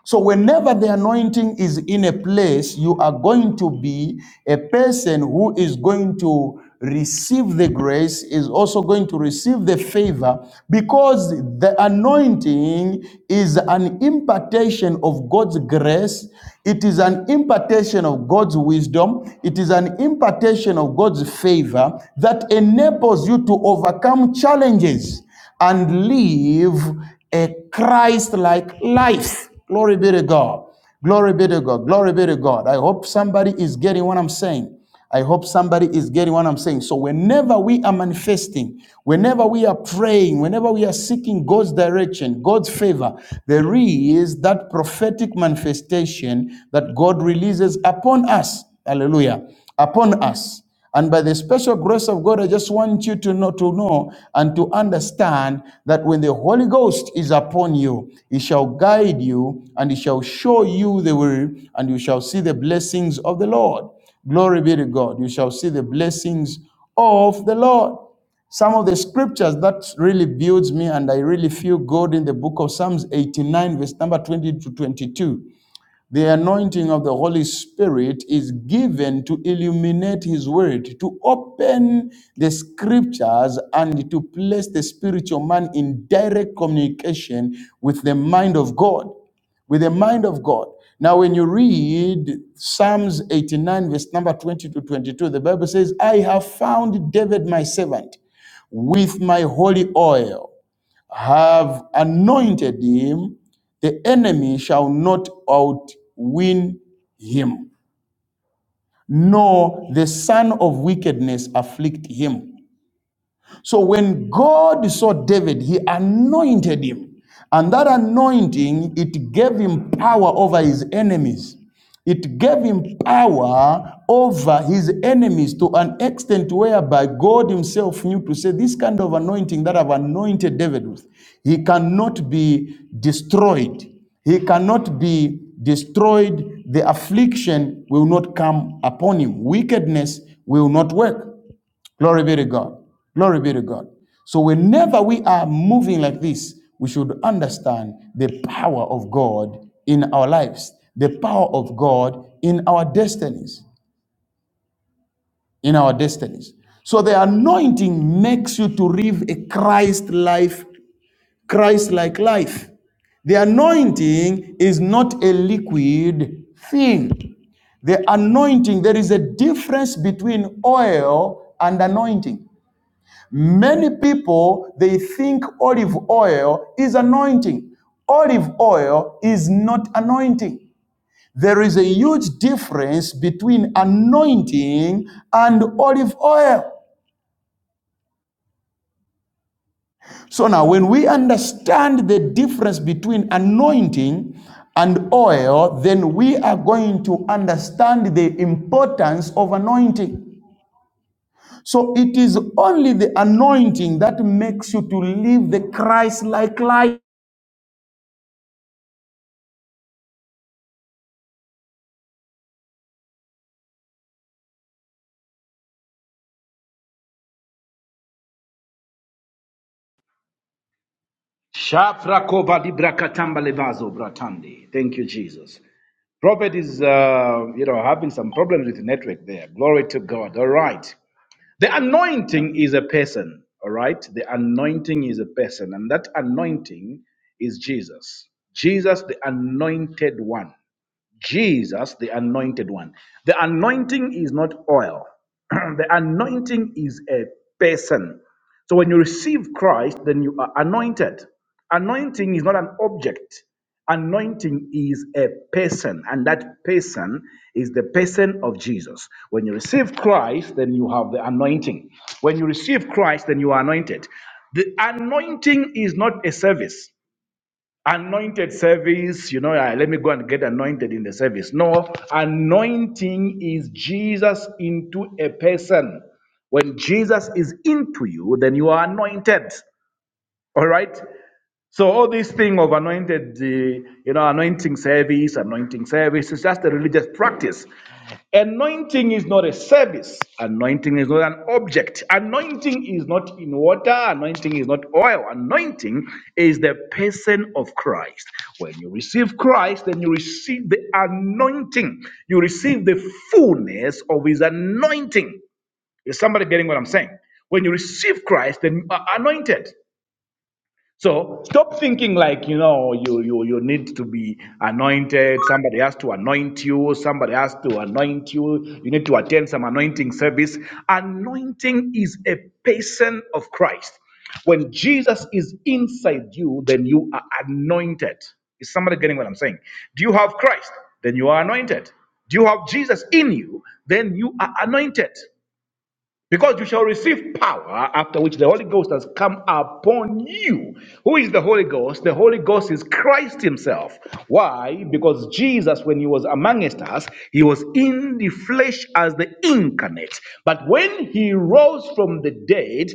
Speaker 2: so, whenever the anointing is in a place, you are going to be a person who is going to receive the grace, is also going to receive the favor, because the anointing is an impartation of God's grace. It is an impartation of God's wisdom. It is an impartation of God's favor that enables you to overcome challenges and live a Christ like life. Glory be to God. Glory be to God. Glory be to God. I hope somebody is getting what I'm saying. I hope somebody is getting what I'm saying. So, whenever we are manifesting, whenever we are praying, whenever we are seeking God's direction, God's favor, there is that prophetic manifestation that God releases upon us. Hallelujah. Upon us. And by the special grace of God, I just want you to know, to know and to understand that when the Holy Ghost is upon you, He shall guide you and He shall show you the way, and you shall see the blessings of the Lord. Glory be to God. You shall see the blessings of the Lord. Some of the scriptures that really builds me, and I really feel good in the book of Psalms 89, verse number 20 to 22. The anointing of the Holy Spirit is given to illuminate His Word, to open the Scriptures, and to place the spiritual man in direct communication with the mind of God. With the mind of God. Now, when you read Psalms 89, verse number 20 to 22, the Bible says, I have found David my servant with my holy oil have anointed him, the enemy shall not outwin him, nor the son of wickedness afflict him. So when God saw David, he anointed him. And that anointing, it gave him power over his enemies. It gave him power over his enemies to an extent whereby God himself knew to say, This kind of anointing that I've anointed David with, he cannot be destroyed. He cannot be destroyed. The affliction will not come upon him, wickedness will not work. Glory be to God. Glory be to God. So, whenever we are moving like this, we should understand the power of God in our lives, the power of God in our destinies. In our destinies. So, the anointing makes you to live a Christ life, Christ like life. The anointing is not a liquid thing. The anointing, there is a difference between oil and anointing. Many people they think olive oil is anointing. Olive oil is not anointing. There is a huge difference between anointing and olive oil. So now when we understand the difference between anointing and oil, then we are going to understand the importance of anointing. So it is only the anointing that makes you to live the Christ-like life.
Speaker 1: Shafrakoba librakatamba levazo bratandi. Thank you, Jesus. Prophet is, uh, you know, having some problems with the network there. Glory to God. All right. The anointing is a person. All right. The anointing is a person. And that anointing is Jesus. Jesus, the anointed one. Jesus, the anointed one. The anointing is not oil, the anointing is a person. So when you receive Christ, then you are anointed. Anointing is not an object, anointing is a person, and that person is the person of Jesus. When you receive Christ, then you have the anointing. When you receive Christ, then you are anointed. The anointing is not a service anointed service, you know, ah, let me go and get anointed in the service. No, anointing is Jesus into a person. When Jesus is into you, then you are anointed. All right? So all this thing of anointed, the you know, anointing service, anointing service is just a religious practice. Anointing is not a service. Anointing is not an object. Anointing is not in water. Anointing is not oil. Anointing is the person of Christ. When you receive Christ, then you receive the anointing. You receive the fullness of His anointing. Is somebody getting what I'm saying? When you receive Christ, then you are anointed. So stop thinking like you know you you you need to be anointed. Somebody has to anoint you. Somebody has to anoint you. You need to attend some anointing service. Anointing is a person of Christ. When Jesus is inside you, then you are anointed. Is somebody getting what I'm saying? Do you have Christ? Then you are anointed. Do you have Jesus in you? Then you are anointed. Because you shall receive power after which the Holy Ghost has come upon you. Who is the Holy Ghost? The Holy Ghost is Christ Himself. Why? Because Jesus, when He was amongst us, He was in the flesh as the incarnate. But when He rose from the dead,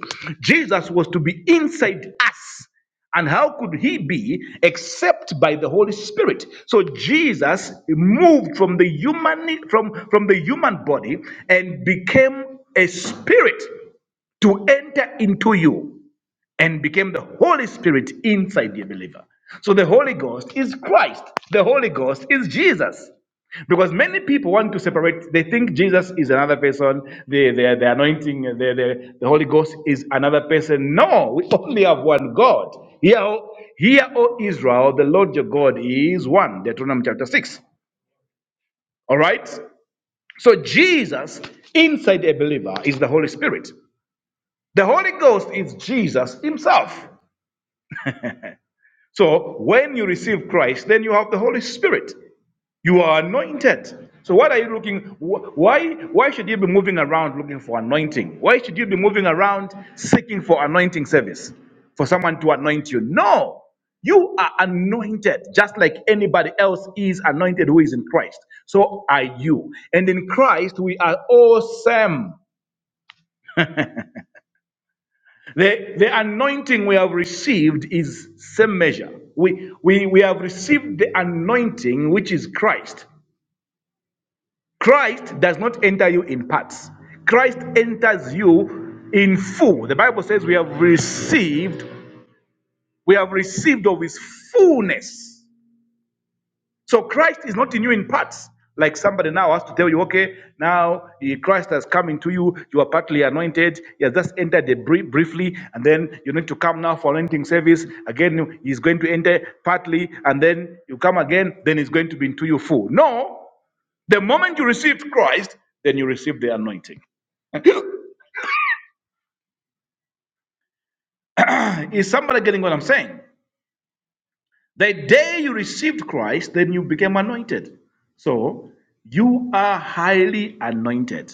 Speaker 1: Jesus was to be inside us. And how could he be except by the Holy Spirit? So Jesus moved from the human from, from the human body and became a spirit to enter into you and became the Holy Spirit inside the believer. So the Holy Ghost is Christ. The Holy Ghost is Jesus. Because many people want to separate, they think Jesus is another person, the, the, the anointing, the, the, the Holy Ghost is another person. No, we only have one God. Hear, O- hear O Israel, the Lord your God is one. Deuteronomy chapter 6. All right? So Jesus inside a believer is the Holy Spirit. The Holy Ghost is Jesus himself. So when you receive Christ, then you have the Holy Spirit. You are anointed. So what are you looking? Why why should you be moving around looking for anointing? Why should you be moving around seeking for anointing service for someone to anoint you? No. You are anointed just like anybody else is anointed who is in Christ. So are you. And in Christ, we are awesome. The, the anointing we have received is same measure. We, we, we have received the anointing which is Christ. Christ does not enter you in parts. Christ enters you in full. The Bible says we have received, we have received of his fullness. So Christ is not in you in parts. Like somebody now has to tell you, okay, now eh, Christ has come into you. You are partly anointed. He has just entered the bri- briefly, and then you need to come now for anointing service. Again, he's going to enter partly, and then you come again. Then he's going to be into you full. No, the moment you receive Christ, then you receive the anointing. Is somebody getting what I'm saying? The day you received Christ, then you became anointed. So you are highly anointed.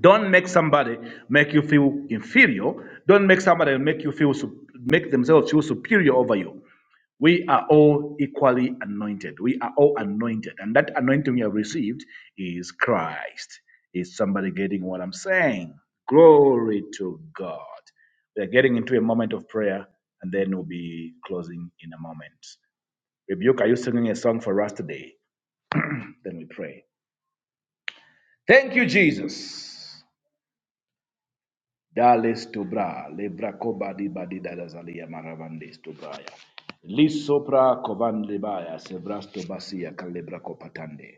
Speaker 1: Don't make somebody make you feel inferior. Don't make somebody make you feel sup- make themselves feel superior over you. We are all equally anointed. We are all anointed, and that anointing we have received is Christ. Is somebody getting what I'm saying? Glory to God. We are getting into a moment of prayer, and then we'll be closing in a moment. Rebuke, are you singing a song for us today? Then we pray. Thank you, Jesus. Dales to lebra koba di badi da maravandes to Lisopra kovan libaya, sebrasto basia calebra copatande.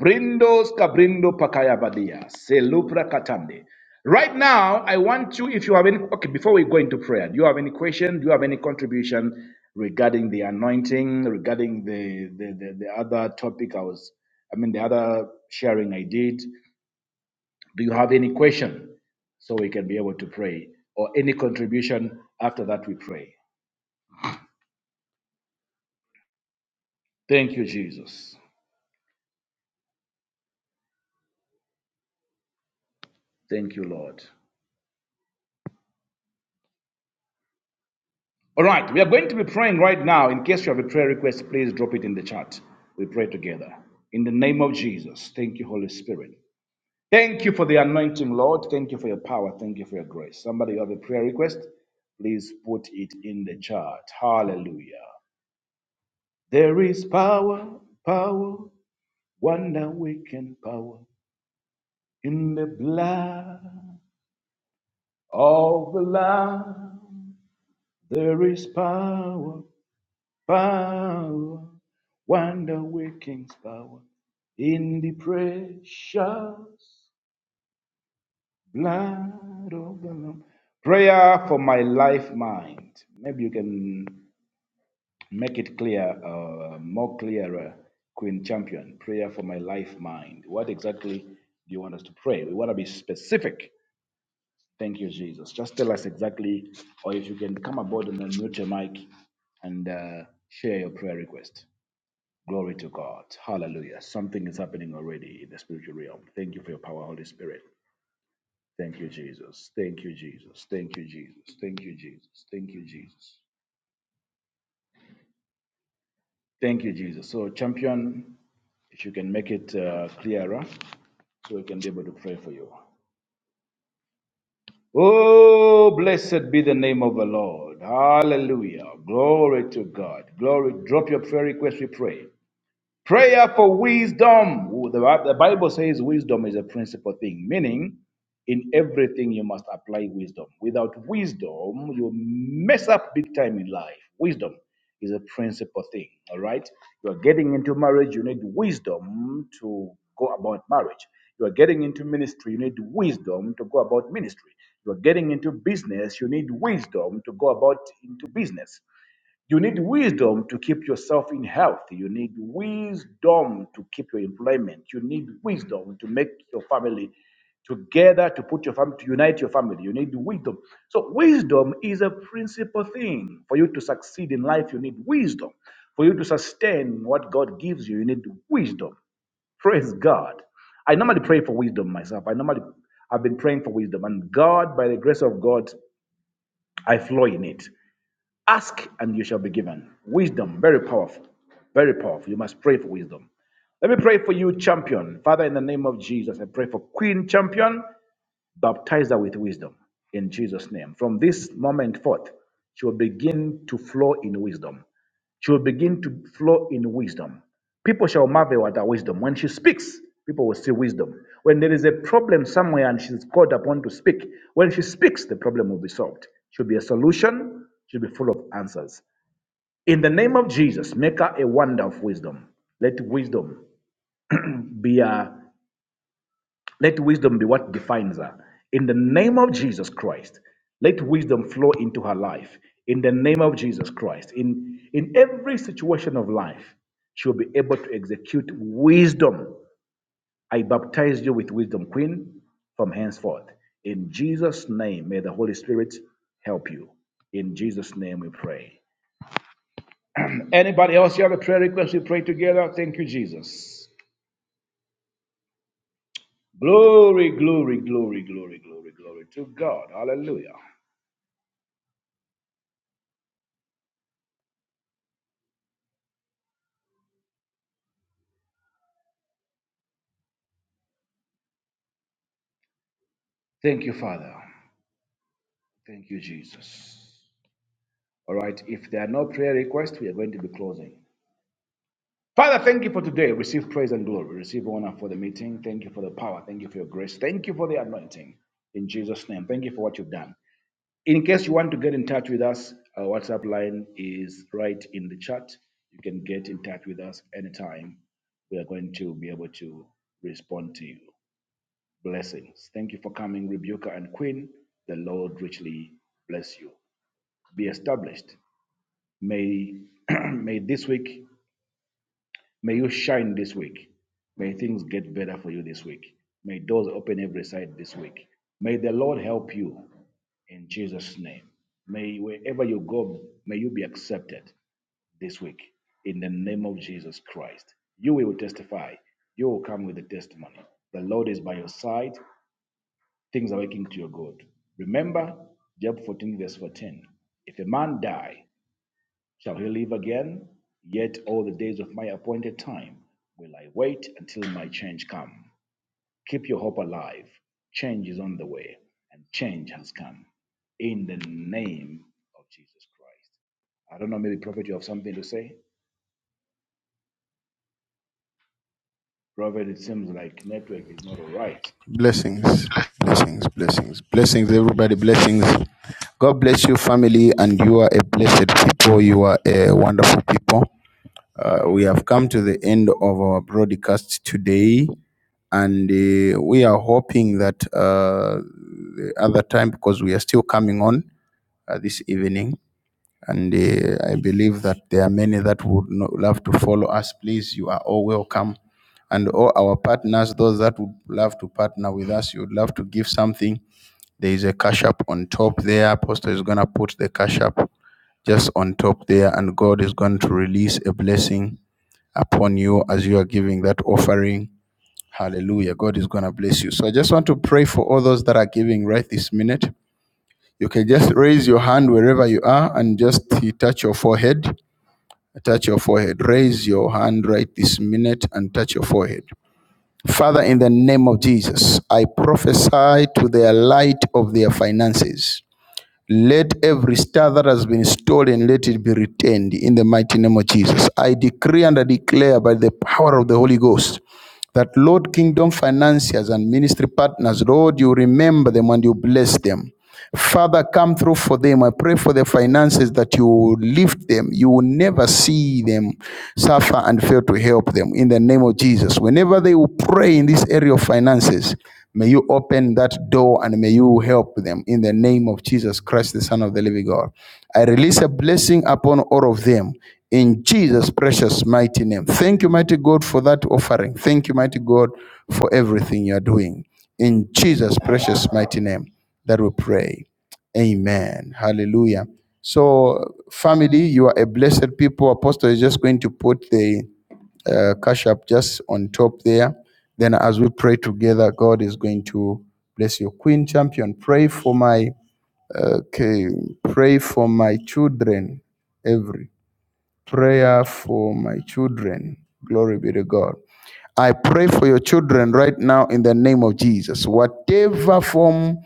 Speaker 1: Brindos cabrindo pakaya badia, selupra katande. Right now, I want you, if you have any, okay, before we go into prayer, do you have any question? Do you have any contribution regarding the anointing, regarding the, the, the, the other topic I was, I mean, the other sharing I did? Do you have any question? So we can be able to pray or any contribution after that we pray. Thank you, Jesus. Thank you, Lord. All right, we are going to be praying right now. In case you have a prayer request, please drop it in the chat. We pray together. In the name of Jesus, thank you, Holy Spirit. Thank you for the anointing, Lord. Thank you for your power. Thank you for your grace. Somebody, you have a prayer request? Please put it in the chat. Hallelujah. There is power, power, wonder working power In the blood of the Lamb, there is power, power, wonder working power. In the precious blood of the Lamb. Prayer for my life mind. Maybe you can make it clear, uh, more clearer, Queen Champion. Prayer for my life mind. What exactly do you want us to pray? We want to be specific Thank you, Jesus. Just tell us exactly, or if you can come aboard and unmute your mic and uh, share your prayer request. Glory to God. Hallelujah. Something is happening already in the spiritual realm. Thank you for your power, Holy Spirit. Thank you, Jesus. Thank you, Jesus. Thank you, Jesus. Thank you, Jesus. Thank you, Jesus. Thank you, Jesus. So, champion, if you can make it uh, clearer so we can be able to pray for you. Oh, blessed be the name of the Lord. Hallelujah. Glory to God. Glory. Drop your prayer request, we pray. Prayer for wisdom. The Bible says wisdom is a principal thing, meaning in everything you must apply wisdom. Without wisdom, you mess up big time in life. Wisdom is a principal thing, all right? You are getting into marriage, you need wisdom to go about marriage. You are getting into ministry, you need wisdom to go about ministry. You are getting into business, you need wisdom to go about into business. You need wisdom to keep yourself in health. You need wisdom to keep your employment. You need wisdom to make your family together, to put your family, to unite your family. You need wisdom. So, wisdom is a principal thing. For you to succeed in life, you need wisdom. For you to sustain what God gives you, you need wisdom. Praise God. I normally pray for wisdom myself. I normally I've been praying for wisdom, and God, by the grace of God, I flow in it. Ask and you shall be given. Wisdom, very powerful. Very powerful. You must pray for wisdom. Let me pray for you, champion. Father, in the name of Jesus, I pray for Queen Champion. Baptize her with wisdom in Jesus' name. From this moment forth, she will begin to flow in wisdom. She will begin to flow in wisdom. People shall marvel at her wisdom. When she speaks, people will see wisdom. When there is a problem somewhere and she's called upon to speak, when she speaks, the problem will be solved. She'll be a solution, she'll be full of answers. In the name of Jesus, make her a wonder of wisdom. Let wisdom be a let wisdom be what defines her. In the name of Jesus Christ, let wisdom flow into her life. In the name of Jesus Christ, in, in every situation of life, she will be able to execute wisdom. I baptize you with wisdom, Queen, from henceforth. In Jesus' name, may the Holy Spirit help you. In Jesus' name we pray. Anybody else you have a prayer request? We pray together. Thank you, Jesus. Glory, glory, glory, glory, glory, glory to God. Hallelujah. Thank you, Father. Thank you, Jesus. All right, if there are no prayer requests, we are going to be closing. Father, thank you for today. Receive praise and glory. Receive honor for the meeting. Thank you for the power. Thank you for your grace. Thank you for the anointing. In Jesus' name, thank you for what you've done. In case you want to get in touch with us, our WhatsApp line is right in the chat. You can get in touch with us anytime. We are going to be able to respond to you. Blessings. Thank you for coming, Rebuker and Queen. The Lord richly bless you. be established. May, may this week, may you shine this week. May things get better for you this week. May doors open every side this week. May the Lord help you in Jesus' name. May wherever you go, may you be accepted this week in the name of Jesus Christ. You will testify. You will come with a testimony. The Lord is by your side. Things are working to your good. Remember Job 14, verse 14. If a man die Shall he live again? Yet all the days of my appointed time will I wait until my change come. Keep your hope alive. Change is on the way, and change has come. In the name of Jesus Christ. I don't know, maybe Prophet, you have something to say? Prophet, it seems like network is not all right.
Speaker 2: Blessings, blessings, blessings, blessings, everybody, blessings. God bless you, family, and you are a blessed people. You are a wonderful people. Uh, we have come to the end of our broadcast today, and uh, we are hoping that uh, the other time, because we are still coming on uh, this evening, and uh, I believe that there are many that would no- love to follow us. Please, you are all welcome. And all our partners, those that would love to partner with us, you would love to give something. There is a cash app on top there. Apostle is going to put the cash app just on top there, and God is going to release a blessing upon you as you are giving that offering. Hallelujah. God is going to bless you. So I just want to pray for all those that are giving right this minute. You can just raise your hand wherever you are and just touch your forehead. Touch your forehead. Raise your hand right this minute and touch your forehead. Father, in the name of Jesus, I prophesy to their light of their finances. Let every star that has been stolen, let it be retained in the mighty name of Jesus. I decree and I declare by the power of the Holy Ghost that Lord, kingdom financiers and ministry partners, Lord, you remember them and you bless them. Father, come through for them. I pray for the finances that you lift them. You will never see them suffer and fail to help them in the name of Jesus. Whenever they will pray in this area of finances, may you open that door and may you help them in the name of Jesus Christ, the Son of the living God. I release a blessing upon all of them in Jesus' precious mighty name. Thank you, mighty God, for that offering. Thank you, mighty God, for everything you are doing. In Jesus' precious mighty name that we pray. Amen. Hallelujah. So, family, you are a blessed people. Apostle is just going to put the uh, cash up just on top there. Then, as we pray together, God is going to bless you. Queen Champion, pray for my uh, okay, pray for my children. Every prayer for my children. Glory be to God. I pray for your children right now in the name of Jesus. Whatever form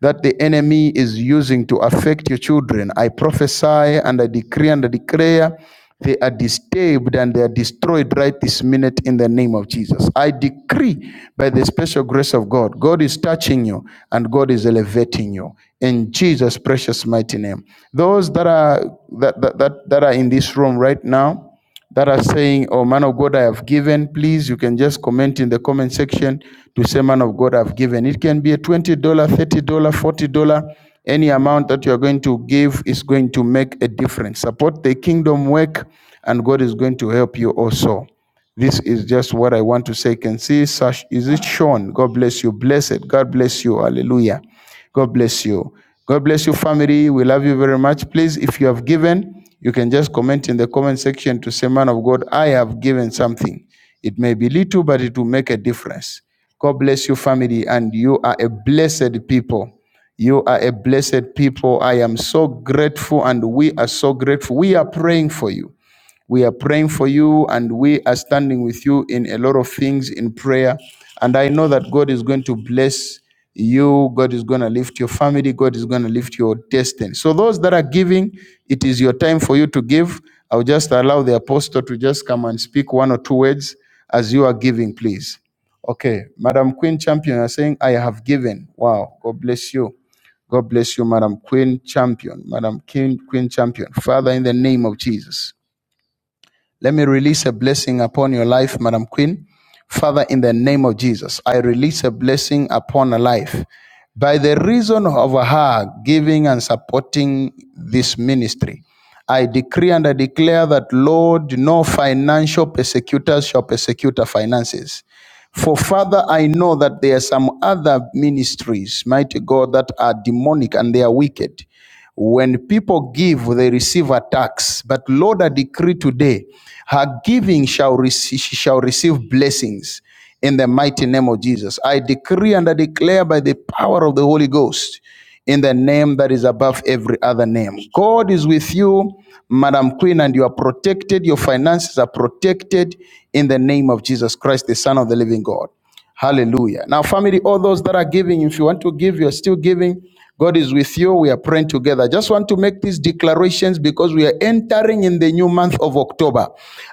Speaker 2: that the enemy is using to affect your children, I prophesy and I decree and I declare they are disturbed and they are destroyed right this minute in the name of Jesus. I decree by the special grace of God, God is touching you and God is elevating you in Jesus' precious mighty name. Those that are that, that, that, that are in this room right now, that are saying, Oh, man of God, I have given, please, you can just comment in the comment section to say, Man of God, I've given. It can be a $20, dollars, $30, dollars, $40. Any amount that you're going to give is going to make a difference. Support the kingdom work, and God is going to help you also. This is just what I want to say. Can see, such? is it Sean? God bless you. Blessed. God bless you. Hallelujah. God bless you. God bless you, family. We love you very much. Please, if you have given, you can just comment in the comment section to say, Man of God, I have given something. It may be little, but it will make a difference. God bless you, family, and you are a blessed people. You are a blessed people. I am so grateful, and we are so grateful. We are praying for you. We are praying for you and we are standing with you in a lot of things in prayer. And I know that God is going to bless you. God is going to lift your family. God is going to lift your destiny. So, those that are giving, it is your time for you to give. I'll just allow the apostle to just come and speak one or two words as you are giving, please. Okay, Madam Queen Champion, you're saying, I have given. Wow, God bless you. God bless you, Madam Queen Champion, Madam King, Queen Champion. Father, in the name of Jesus. Let me release a blessing upon your life, Madam Queen. Father, in the name of Jesus, I release a blessing upon her life. By the reason of her giving and supporting this ministry, I decree and I declare that, Lord, no financial persecutors shall persecute her finances. For further, I know that there are some other ministries, mighty God, that are demonic and they are wicked. When people give, they receive attacks. But Lord, I decree today, her giving shall receive, she shall receive blessings in the mighty name of Jesus. I decree and I declare by the power of the Holy Ghost in the name that is above every other name. God is with you, Madam Queen, and you are protected. Your finances are protected in the name of Jesus Christ, the Son of the living God. Hallelujah. Now, family, all those that are giving, if you want to give, you're still giving. God is with you. We are praying together. I just want to make these declarations because we are entering in the new month of October.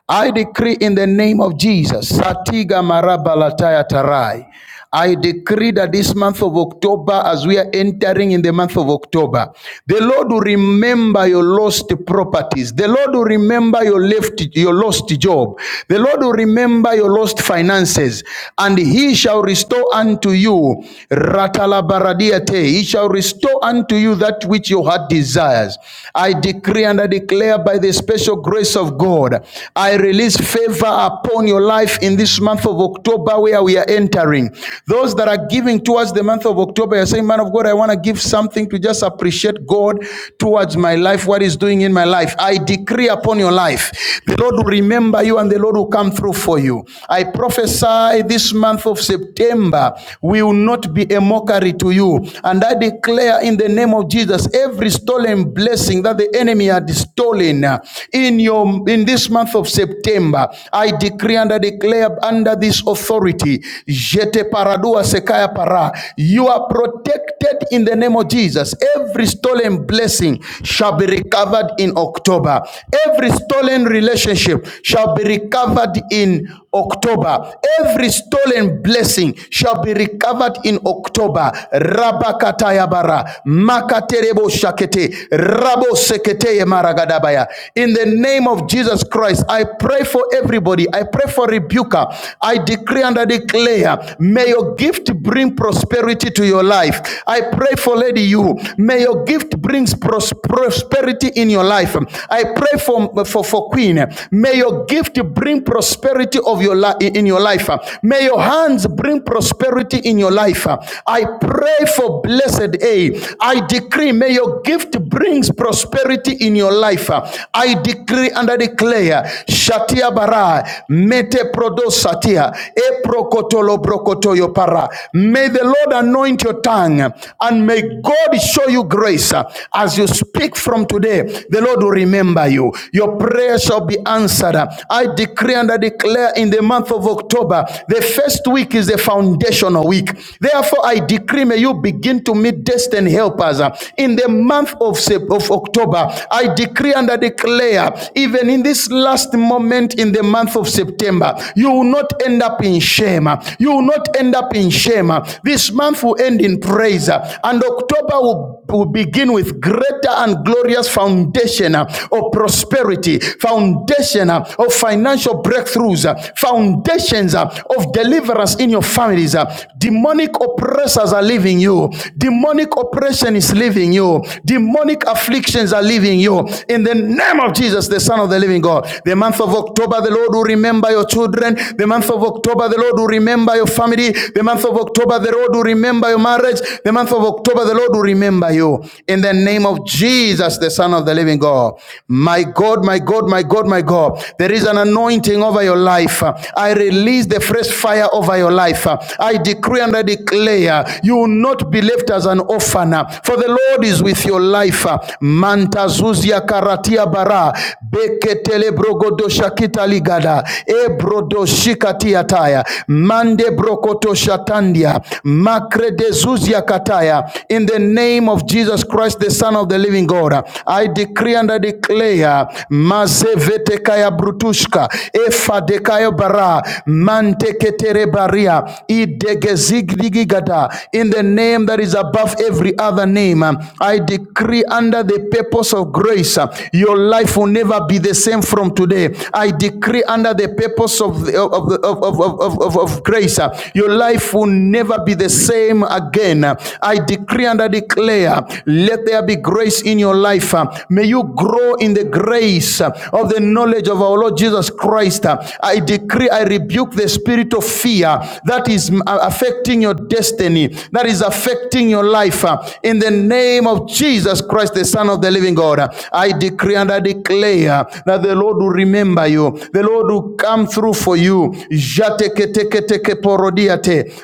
Speaker 2: I decree in the name of Jesus, Satiga Marabalataya Tarai. I decree that this month of October, as we are entering in the month of October, the Lord will remember your lost properties. The Lord will remember your left, your lost job. The Lord will remember your lost finances, and He shall restore unto you. Ratalabaradiate. He shall restore unto you that which your heart desires. I decree and I declare by the special grace of God, I release favor upon your life in this month of October, where we are entering sharing. Those that are giving towards the month of October, you're saying, Man of God, I want to give something to just appreciate God towards my life, what He's doing in my life. I decree upon your life, the Lord will remember you and the Lord will come through for you. I prophesy this month of September will not be a mockery to you. And I declare in the name of Jesus, every stolen blessing that the enemy had stolen uh, in your in this month of September, I decree and I declare under this authority, Jete paradua sekaya para. You are protected in the name of Jesus. Every stolen blessing shall be recovered in October. Every stolen relationship shall be recovered in October. Every stolen blessing shall be recovered in October. Rabakatayabara. Makaterebo shakete. Rabo seketeye maragadabaya. In the name of Jesus Christ, I pray for everybody. I pray for rebuker. I decree under I declare, may your gift bring prosperity to your life. I pray for Lady You. May your gift brings pros- prosperity in your life. I pray for, for, for Queen. May your gift bring prosperity of your li- in your life. May your hands bring prosperity in your life. I pray for Blessed A. I decree, may your gift brings prosperity in your life. I decree and I declare, Shatia Bara, Mete Prodosatia, Eprokotolo brokotoyo para. May the Lord anoint your tongue and may God show you grace as you speak from today. The Lord will remember you. Your prayer shall be answered. I decree and I declare in the month of October, the first week is the foundational week. Therefore, I decree may you begin to meet destined helpers in the month of, Sep- of October. I decree and I declare, even in this last moment in the month of September, you will not not end up in shame. You will not end up in shame. This month will end in praise, and October will, will begin with greater and glorious foundation of prosperity, foundation of financial breakthroughs, foundations of deliverance in your families. Demonic oppressors are leaving you, demonic oppression is leaving you, demonic afflictions are leaving you. In the name of Jesus, the Son of the Living God, the month of October, the Lord will remember your children. The month of October, the Lord will remember your family. The month of October, the Lord will remember your marriage. The month of October, the Lord will remember you. In the name of Jesus, the Son of the Living God. My God, my God, my God, my God. There is an anointing over your life. I release the fresh fire over your life. I decree and I declare you will not be left as an orphan, for the Lord is with your life. Mantazuzia karatia bara beketelebrogodoshakita ligada ebro brodoshikatia taya mande brokotoshatandia makredezuzia kataya in the name of jesus christ the son of the living god i decree and i declare mazevetekaya brutushka efadekayo bara manteketere baria idegezigdigigada in the name that is above every other name i decree under the purpose of grace your life will never be the same from today i decree under the purpose purpose of, the, of, the, of, of, of, of, of grace, uh, your life will never be the same again. I decree and I declare, let there be grace in your life. uh, May you grow in the grace uh, of the knowledge of our Lord Jesus Christ. Uh, I decree, I rebuke the spirit of fear that is mm, uh, affecting your destiny, that is affecting your life. uh, In the name of Jesus Christ, the Son of the living God, Uh, I decree and I declare that the Lord will remember you. The Lord will will come through for you. Jateketeketeke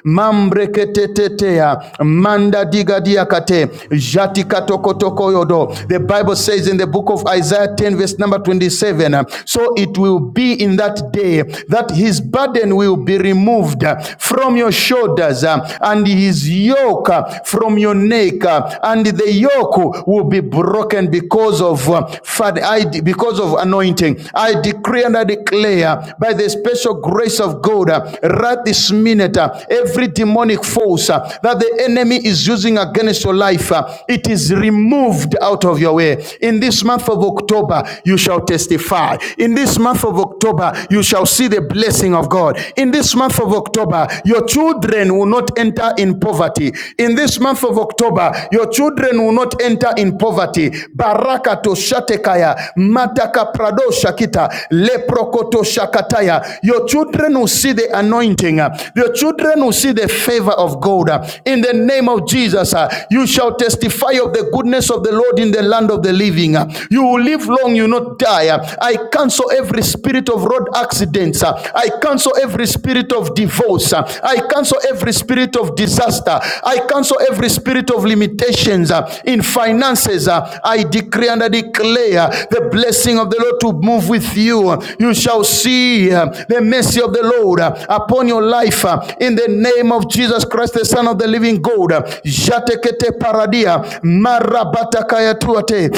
Speaker 2: mambreketetetea manda digadiakate jatikatokotokoyodo. The Bible says in the book of Isaiah 10, verse number 27, uh, so it will be in that day that his burden will be removed uh, from your shoulders uh, and his yoke uh, from your neck, uh, and the yoke will be broken because of uh, fat, I because of anointing. I decree and I declare declare by the special grace of God uh, right this minute, uh, every demonic force uh, that the enemy is using against your life, uh, it is removed out of your way. In this month of October, you shall testify. In this month of October, you shall see the blessing of God. In this month of October, your children will not enter in poverty. In this month of October, your children will not enter in poverty. Baraka to shatekaya, mataka prado shakita, le Leprokoto shakataya. Your children will see the anointing. uh, Your children will see the favor of God. uh, In the name of Jesus, uh, you shall testify of the goodness of the Lord in the land of the living. uh, You will live long, you will not die. uh, I cancel every spirit of road accidents. uh, I cancel every spirit of divorce. uh, I cancel every spirit of disaster. I cancel every spirit of limitations uh, in finances. uh, I decree and I declare the blessing of the Lord to move with you you, you shall see uh, the mercy of the Lord uh, upon your life uh, in the name of Jesus Christ, the Son of the Living God. Jatekete paradia, marabatakaya tuate,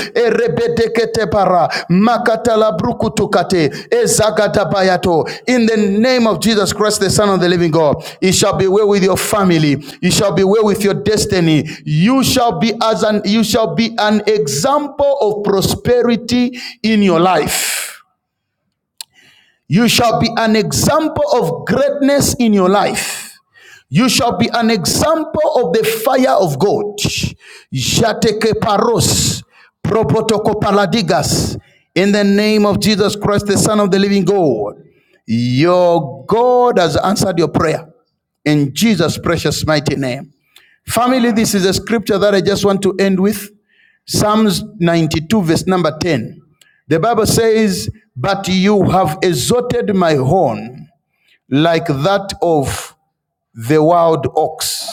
Speaker 2: para, makatala brukutukate, ezagatabayato. In the name of Jesus Christ, the Son of the Living God, it shall be well with your family. You shall be well with your destiny. You shall be as an you shall be an example of prosperity in your life. You shall be an example of greatness in your life. You shall be an example of the fire of God. Jateke paros, probotoko paladigas. In the name of Jesus Christ, the Son of the living God, your God has answered your prayer. In Jesus' precious mighty name. Family, this is a scripture that I just want to end with. Psalms 92, verse number 10. The Bible says, But you have exalted my horn like that of the wild ox.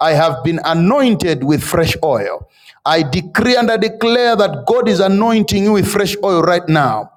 Speaker 2: I have been anointed with fresh oil. I decree and I declare that God is anointing you with fresh oil right now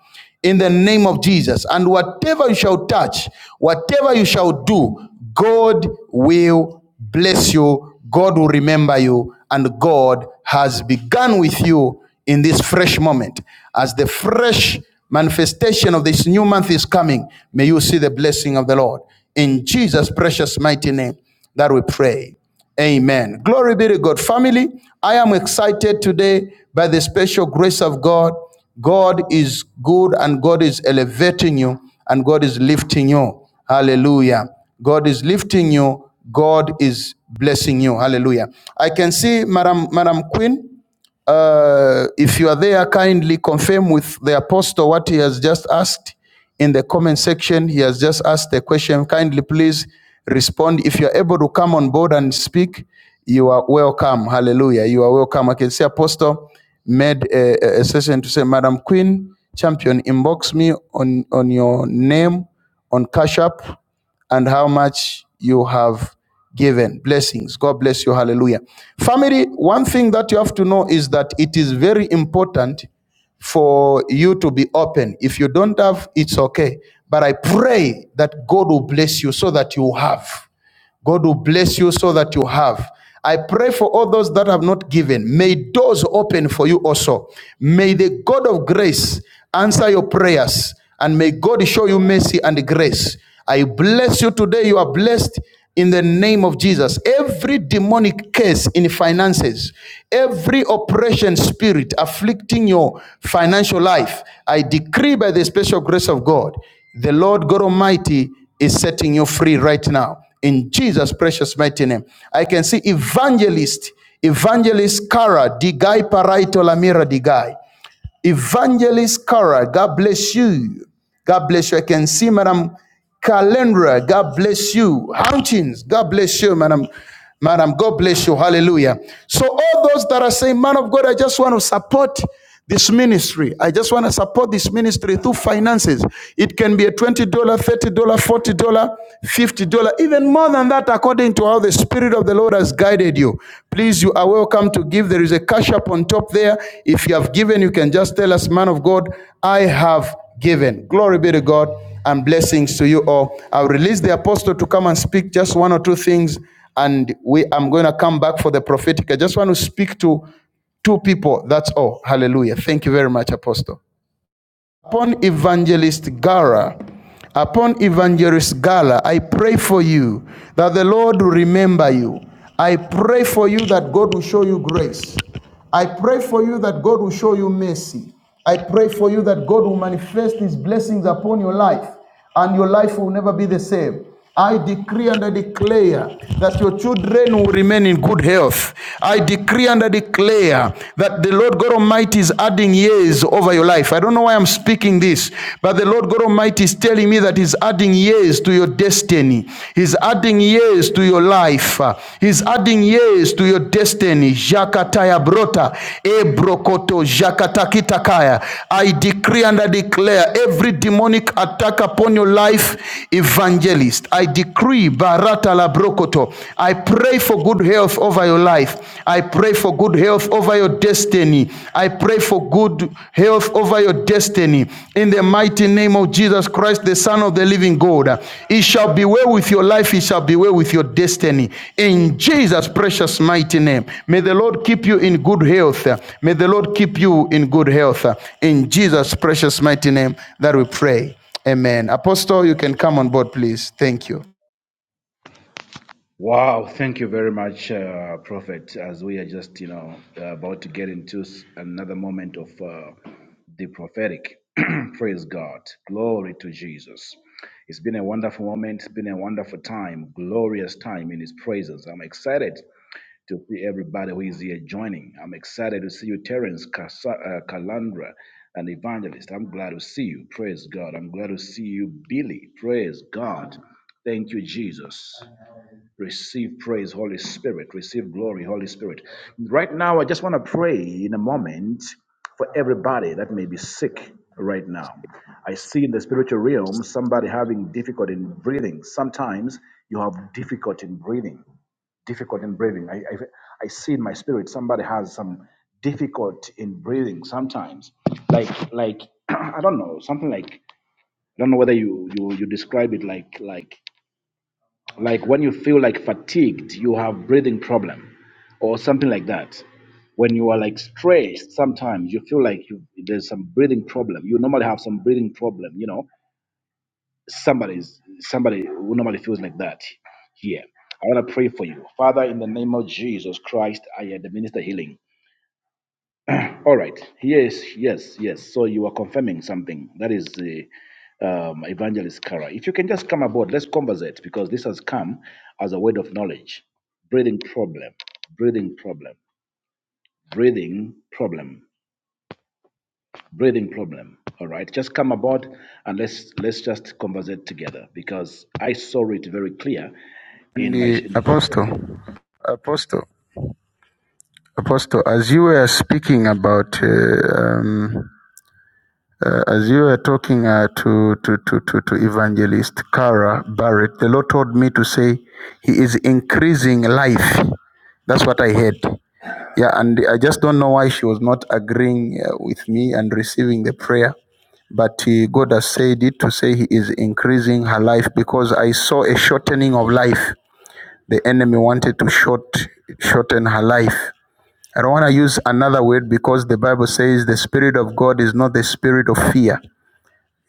Speaker 2: in the name of Jesus. And whatever you shall touch, whatever you shall do, God will bless you, God will remember you, and God has begun with you in this fresh moment. As the fresh manifestation of this new month is coming, may you see the blessing of the Lord. In Jesus' precious mighty name that we pray. Amen. Glory be to God. Family, I am excited today by the special grace of God. God is good and God is elevating you and God is lifting you. Hallelujah. God is lifting you. God is blessing you. Hallelujah. I can see Madam Madam Queen. Uh, if you are there, kindly confirm with the apostle what he has just asked in the comment section. He has just asked the question. Kindly please respond. If you are able to come on board and speak, you are welcome. Hallelujah. You are welcome. I can see Apostle made a, a a session to say, Madam Queen, champion, inbox me on, on your name on Cash App and how much you have given. Blessings. God bless you. Hallelujah. Family, one thing that you have to know is that it is very important for you to be open. If you don't have, it's okay. But I pray that God will bless you so that you have. God will bless you so that you have. I pray for all those that have not given. May doors open for you also. May the God of grace answer your prayers and may God show you mercy and grace. I bless you today. You are blessed in the name of Jesus. Every demonic case in finances, every oppression spirit afflicting your financial life, I decree by the special grace of God the Lord God Almighty is setting you free right now in Jesus' precious mighty name. I can see evangelist, evangelist Kara, Digai Paraito Lamira Digai. Evangelist Cara, God bless you. God bless you. I can see Madam Calendra. God bless you. Hountings, God bless you, Madam. Madam, God bless you. Hallelujah. So all those that are saying, man of God, I just want to support this ministry. I just want to support this ministry through finances. It can be a $20, dollars, $30, dollars, $40, dollars, $50, even more than that according to how the Spirit of the Lord has guided you. Please, you are welcome to give. There is a cash up on top there. If you have given, you can just tell us, man of God, I have given. Glory be to God and blessings to you all. I'll release the apostle to come and speak just one or two things, and we I'm going to come back for the prophetic. I just want to speak to two people. That's all. Hallelujah. Thank you very much, apostle upon evangelist Gara, upon evangelist Gala, I pray for you that the Lord will remember you. I pray for you that God will show you grace. I pray for you that God will show you mercy. I pray for you that God will manifest his blessings upon your life and your life will never be the same. I decree and I declare that your children will remain in good health. I decree and I declare that the Lord God Almighty is adding years over your life. I don't know why I'm speaking this, but the Lord God Almighty is telling me that He's adding years to your destiny. He's adding years to your life. He's adding years to your destiny. Jakataya brota, ebrokoto, jakatakitakaya. I decree and I declare every demonic attack upon your life, evangelist. I decree, barata la brokoto. I pray for good health over your life. I pray for good health over your destiny. I pray for good health over over your destiny in the mighty name of Jesus Christ, the Son of the living God. It shall be well with your life, it shall be well with your destiny. In Jesus' precious mighty name. May the Lord keep you in good health. May the Lord keep you in good health. In Jesus' precious mighty name that we pray. Amen. Apostle, you can come on board, please. Thank you.
Speaker 1: Wow, thank you very much, uh, Prophet. As we are just, you know, about to get into s- another moment of uh, the prophetic. Praise God. Glory to Jesus. It's been a wonderful moment. It's been a wonderful time, glorious time in His presence. I'm excited to see everybody who is here joining. I'm excited to see you, Terence, Casa- uh, Calandra, and Evangelist. I'm glad to see you. Praise God. I'm glad to see you, Billy. Praise God. Thank you, Jesus. Receive praise, Holy Spirit. Receive glory, Holy Spirit. Right now, I just want to pray in a moment for everybody that may be sick right now. I see in the spiritual realm somebody having difficulty in breathing. Sometimes you have difficulty in breathing difficult in breathing. I, I, I see in my spirit somebody has some difficult in breathing sometimes. Like like I don't know something like I don't know whether you you you describe it like like like when you feel like fatigued, you have breathing problem, or something like that. When you are like stressed, sometimes you feel like you, there's some breathing problem. You normally have some breathing problem, you know Somebody's somebody who normally feels like that here. I want to pray for you. Father, in the name of Jesus Christ, I administer healing. All right. Yes, yes, yes. So you are confirming something. That is the um, evangelist Kara. If you can just come aboard, let's conversate because this has come as a word of knowledge. Breathing problem, breathing problem, breathing problem. breathing problem. All right, just come aboard and let's let's just conversate together because I saw it very clear
Speaker 2: And
Speaker 1: in my
Speaker 2: the
Speaker 1: in the spirit.
Speaker 2: apostle, apostle, apostle, as you were speaking about uh, um, Uh, as you were talking uh, to, to, to, to, to evangelist Cara Barrett, the Lord told me to say he is increasing life. That's what I heard. Yeah, and I just don't know why she was not agreeing uh, with me and receiving the prayer. But uh, God has said it to say he is increasing her life because I saw a shortening of life. The enemy wanted to short shorten her life. I don't want to use another word because the Bible says the spirit of God is not the spirit of fear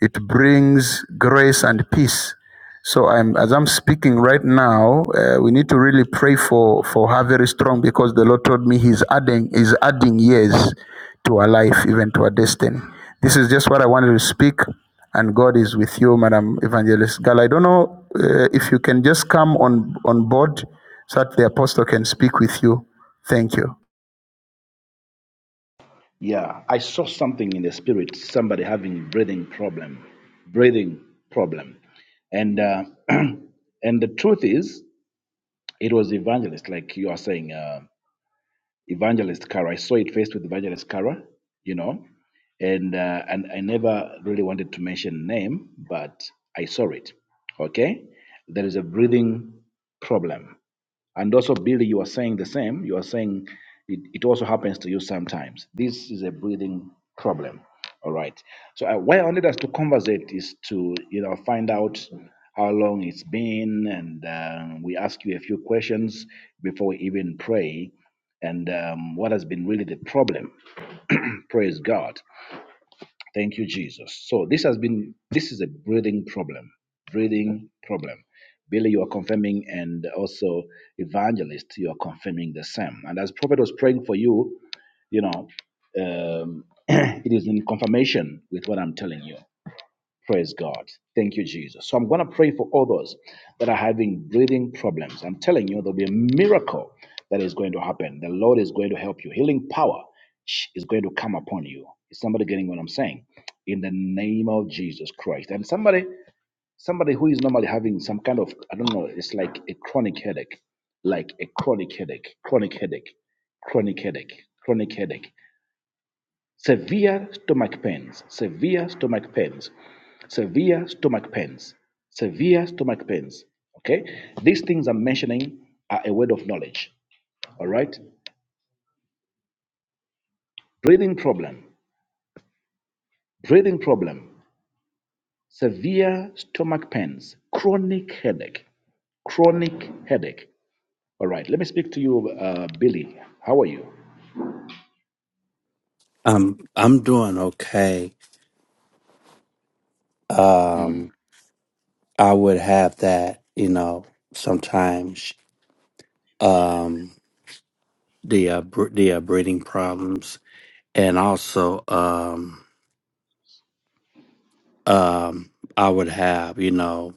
Speaker 2: it brings grace and peace. So I'm, as I'm speaking right now, uh, we need to really pray for, for her very strong because the Lord told me He's adding He's adding years to her life, even to her destiny. This is just what I wanted to speak, and God is with you, Madam Evangelist Gal. I don't know uh, if you can just come on on board so that the apostle can speak with you. Thank you.
Speaker 1: yeah I saw something in the spirit somebody having breathing problem, breathing problem, and uh, and the truth is it was evangelist like you are saying. Uh, Evangelist Kara. I saw it first with Evangelist Kara, you know, and uh, and I never really wanted to mention name, but I saw it. Okay, there is a breathing problem. And also, Billy, you are saying the same. You are saying it, it also happens to you sometimes. This is a breathing problem. All right. So uh, why I wanted us to conversate is to you know find out how long it's been, and um, we ask you a few questions before we even pray, and um, what has been really the problem. Praise God. Thank you, Jesus. So this has been this is a breathing problem. Breathing problem. Billy, you are confirming, and also evangelist, you are confirming the same. And as prophet was praying for you, you know, um, it is in confirmation with what I'm telling you. Praise God. Thank you, Jesus. So I'm going to pray for others that are having breathing problems. I'm telling you, there'll be a miracle that is going to happen. The Lord is going to help you. Healing power is going to come upon you. Is somebody getting what I'm saying? In the name of Jesus Christ. And somebody, somebody who is normally having some kind of, I don't know, it's like a chronic headache, like a chronic headache, chronic headache, chronic headache, chronic headache severe stomach pains, severe stomach pains, severe stomach pains, severe stomach pains. Okay, these things I'm mentioning are a word of knowledge. All right, breathing problem, breathing problem, severe stomach pains, chronic headache, chronic headache. All right, let me speak to you, uh, Billy. How are you?
Speaker 5: I'm I'm doing okay. Um, I would have that, you know, sometimes um, the uh, br- the uh, breathing problems, and also um, um, I would have, you know,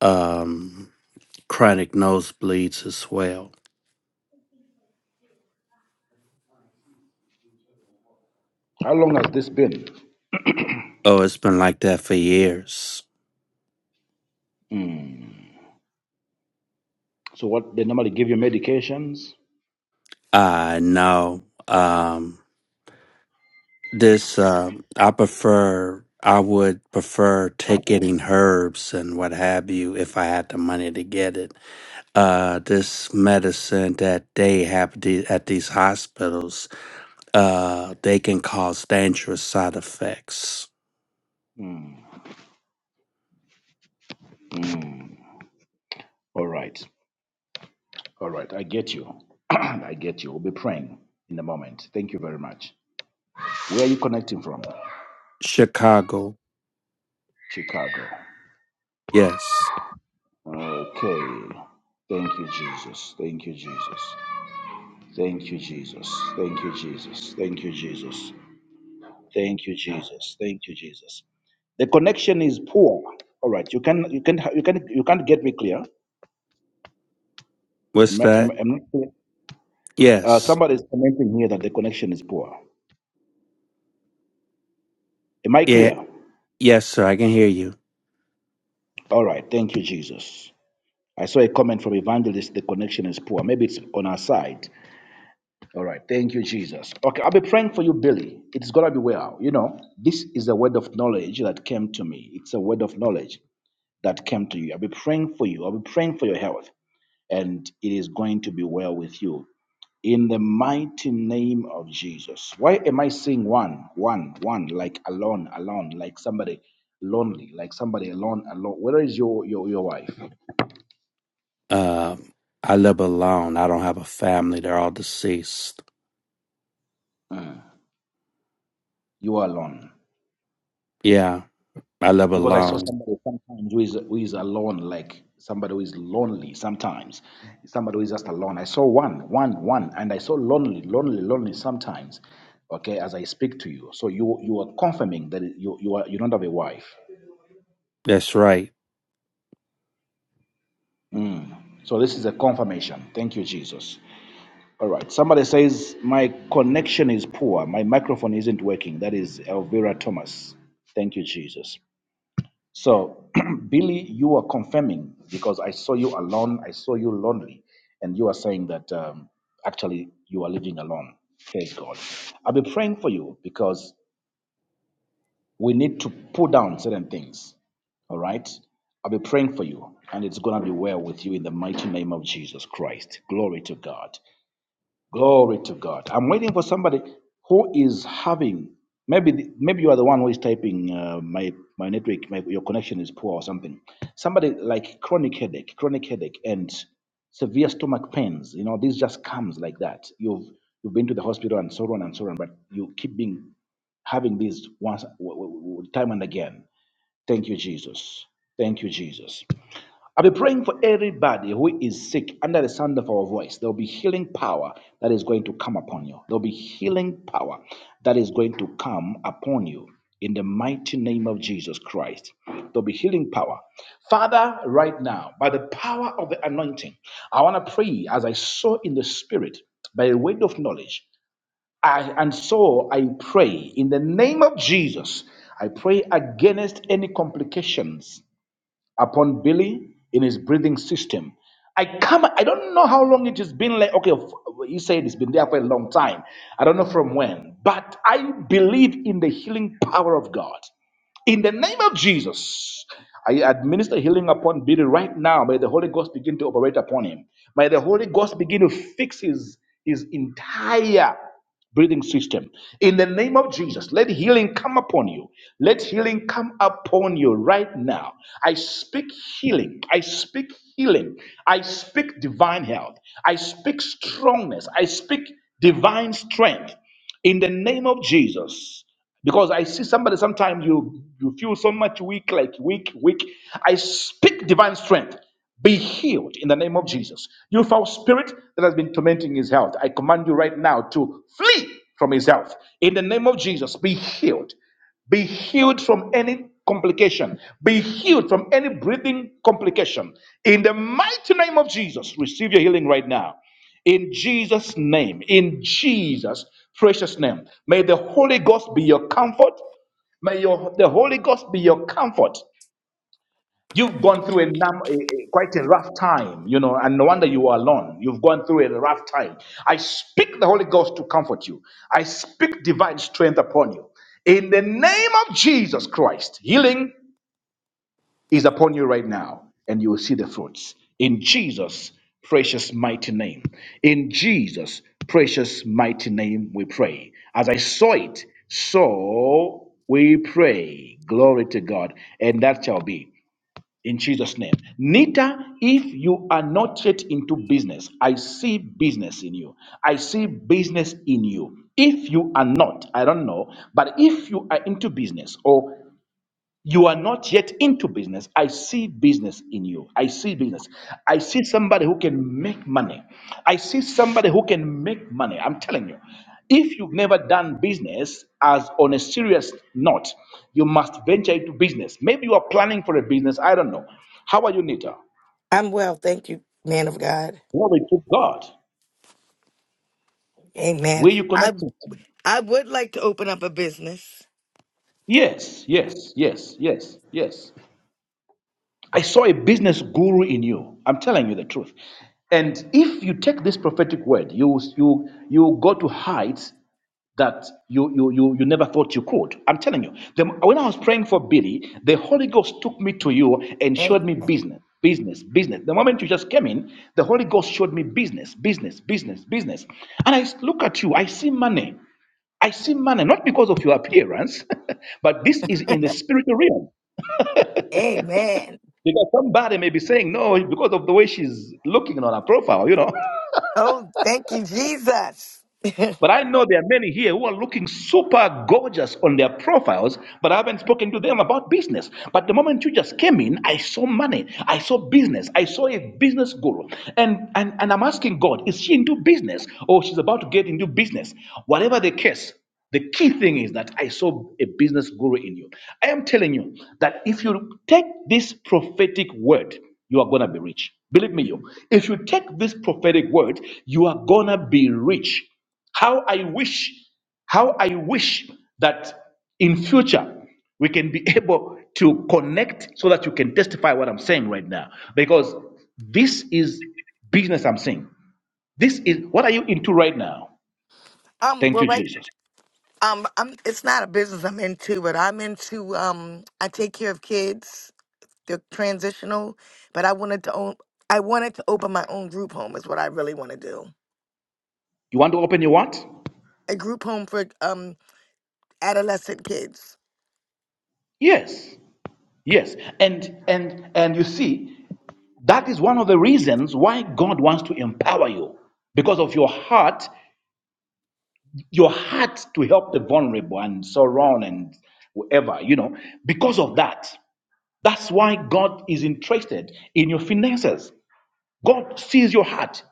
Speaker 5: um, chronic nosebleeds as well.
Speaker 1: How long has this been?
Speaker 5: Oh, it's been like that for years.
Speaker 1: So, what they normally give you medications?
Speaker 5: I know. Um, This, um, I prefer, I would prefer ticketing herbs and what have you if I had the money to get it. Uh, this medicine that they have the, at these hospitals, uh, they can cause dangerous side effects.
Speaker 1: All right. All right, I get you. I get you. We'll be praying in a moment. Thank you very much. Where are you connecting from?
Speaker 5: Chicago,
Speaker 1: Chicago.
Speaker 5: yes.
Speaker 1: Okay. Thank you, Jesus. Thank you, Jesus. Thank you, Jesus. Thank you, Jesus. Thank you, Jesus. Thank you, Jesus. Thank you, Jesus. The connection is poor. All right, you can you can you can you can't get me clear.
Speaker 5: What's
Speaker 1: Am I, am,
Speaker 5: that?
Speaker 1: am I clear? Uh,
Speaker 5: Yes.
Speaker 1: somebody is commenting here that the connection is poor. Am I
Speaker 5: Yeah.
Speaker 1: clear?
Speaker 5: Yes, sir. I can hear you.
Speaker 1: All right, thank you, Jesus. I saw a comment from Evangelist, the connection is poor. Maybe it's on our side. All right. Thank you, Jesus. Okay, I'll be praying for you, Billy. It's going to be well. You know, this is a word of knowledge that came to me. It's a word of knowledge that came to you. I'll be praying for you. I'll be praying for your health, and it is going to be well with you. In the mighty name of Jesus. Why am I saying one, one, one, like alone, alone, like somebody lonely, like somebody alone, alone? Whether it's your, your, your wife,
Speaker 5: Um, I live alone. I don't have a family. They're all deceased.
Speaker 1: you are alone
Speaker 5: Yeah. I live
Speaker 1: because I saw
Speaker 5: alone.
Speaker 1: somebody sometimes who is who is alone, like somebody who is lonely sometimes, somebody who is just alone. I saw one, one, one, and I saw lonely, lonely, lonely sometimes. Okay, as I speak to you, so you you are confirming that you you are you don't have a wife.
Speaker 5: That's right.
Speaker 1: So this is a confirmation. Thank you, Jesus. All right. Somebody says my connection is poor. My microphone isn't working. That is Elvira Thomas. Thank you, Jesus. So, Billy, you are confirming because I saw you alone, I saw you lonely, and you are saying that um, actually you are living alone. Praise God. I'll be praying for you because we need to pull down certain things. All right? I'll be praying for you, and it's going to be well with you in the mighty name of Jesus Christ. Glory to God. Glory to God. I'm waiting for somebody who is having maybe the, maybe you are the one who is typing uh, my my network my, your connection is poor or something. Somebody like chronic headache, chronic headache and severe stomach pains. You know, this just comes like that. You've you've been to the hospital and so on and so on, but you keep being having these once w- w- w- time and again. Thank you, Jesus. Thank you, Jesus. I'll be praying for everybody who is sick under the sound of our voice. There'll be healing power that is going to come upon you. There'll be healing power that is going to come upon you in the mighty name of Jesus Christ. There'll be healing power. Father, right now, by the power of the anointing, I want to pray as I saw in the spirit by the word of knowledge. I, and so I pray in the name of Jesus. I pray against any complications upon Billy in his breathing system. I come, I don't know how long it has been like, okay, f- you said it's been there for a long time. I don't know from when, but I believe in the healing power of God. In the name of Jesus, I administer healing upon Billy right now. May the Holy Ghost begin to operate upon him. May the Holy Ghost begin to fix his, his entire breathing system. In the name of Jesus, let healing come upon you. Let healing come upon you right now. I speak healing. I speak healing. I speak divine health. I speak strongness. I speak divine strength. In the name of Jesus because I see somebody sometimes you you feel so much weak, like weak, weak. I speak divine strength. Be healed in the name of Jesus. You foul spirit that has been tormenting his health. I command you right now to flee from his health. In the name of Jesus, be healed. Be healed from any complication. Be healed from any breathing complication. In the mighty name of Jesus, receive your healing right now. In Jesus' name, in Jesus' precious name, may the Holy Ghost be your comfort. May your the Holy Ghost be your comfort. You've gone through a, num- a- a- quite a rough time, you know, and no wonder you are alone. You've gone through a rough time. I speak the Holy Ghost to comfort you. I speak divine strength upon you. In the name of Jesus Christ, healing is upon you right now, and you will see the fruits. In Jesus' precious mighty name. In Jesus' precious mighty name, we pray. As I saw it, so we pray. Glory to God. And that shall be in Jesus' name. Nita, if you are not yet into business, I see business in you. I see business in you. If you are not, I don't know, but if you are into business, or you are not yet into business. I see business in you. I see business. I see somebody who can make money. I see somebody who can make money. I'm telling you. If you've never done business as on a serious note, you must venture into business. Maybe you are planning for a business. I don't know. How are you, Nita?
Speaker 6: I'm well, thank you, man of God.
Speaker 1: Glory to God.
Speaker 6: Amen.
Speaker 1: Where you
Speaker 6: I
Speaker 1: connecting from?
Speaker 6: I would like to open up a business.
Speaker 1: Yes, yes, yes, yes, yes. I saw a business guru in you. I'm telling you the truth. And if you take this prophetic word, you you you go to heights that you you you, you never thought you could. I'm telling you. The, when I was praying for Billy, the Holy Ghost took me to you and
Speaker 6: And
Speaker 1: showed me business. Business, business. The moment you just came in, the Holy Ghost showed me business, business, business, business. And I look at you, I see money. I see money, not because of your appearance, but this is in the spiritual realm.
Speaker 6: amen.
Speaker 1: Because somebody may be saying, no, because of the way she's looking on her profile, you know.
Speaker 6: Oh, thank you, Jesus.
Speaker 1: But I know there are many here who are looking super gorgeous on their profiles, but I haven't spoken to them about business. But the moment you just came in, I saw money, I saw business, I saw a business guru. And, and, and I'm asking God, is she into business or she's about to get into business? Whatever the case, the key thing is that I saw a business guru in you. I am telling you that if you take this prophetic word, you are going to be rich. Believe me, you. If you take this prophetic word, you are going to be rich. How I wish, how I wish that in future we can be able to connect so that you can testify what I'm saying right now. Because this is business I'm saying. This is what are you into right now?
Speaker 6: um,
Speaker 1: Thank
Speaker 6: well,
Speaker 1: you,
Speaker 6: right.
Speaker 1: Jesus.
Speaker 6: Um, I'm. It's not a business I'm into, but I'm into. Um, I take care of kids. They're transitional, but I wanted to own. I wanted to open my own group home. Is what I really want to do.
Speaker 1: You want to open your what?
Speaker 6: A group home for um adolescent kids.
Speaker 1: Yes. Yes. And and and you see, that is one of the reasons why God wants to empower you because of your heart your heart to help the vulnerable and so on and whatever, you know, because of that. That's why God is interested in your finances. God sees your heart.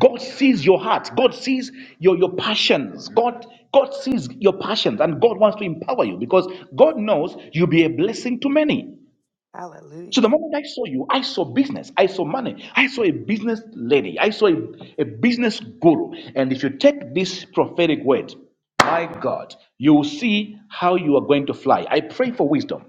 Speaker 1: God sees your heart. God sees your, your passions. God, God sees your passions and God wants to empower you because God knows you'll be a blessing to many. So the
Speaker 6: Hallelujah.
Speaker 1: moment I saw you, I saw business, I saw money, I saw a business lady, I saw a, a business guru. And if you take this prophetic word, my God, you will see how you are going to fly. I pray for wisdom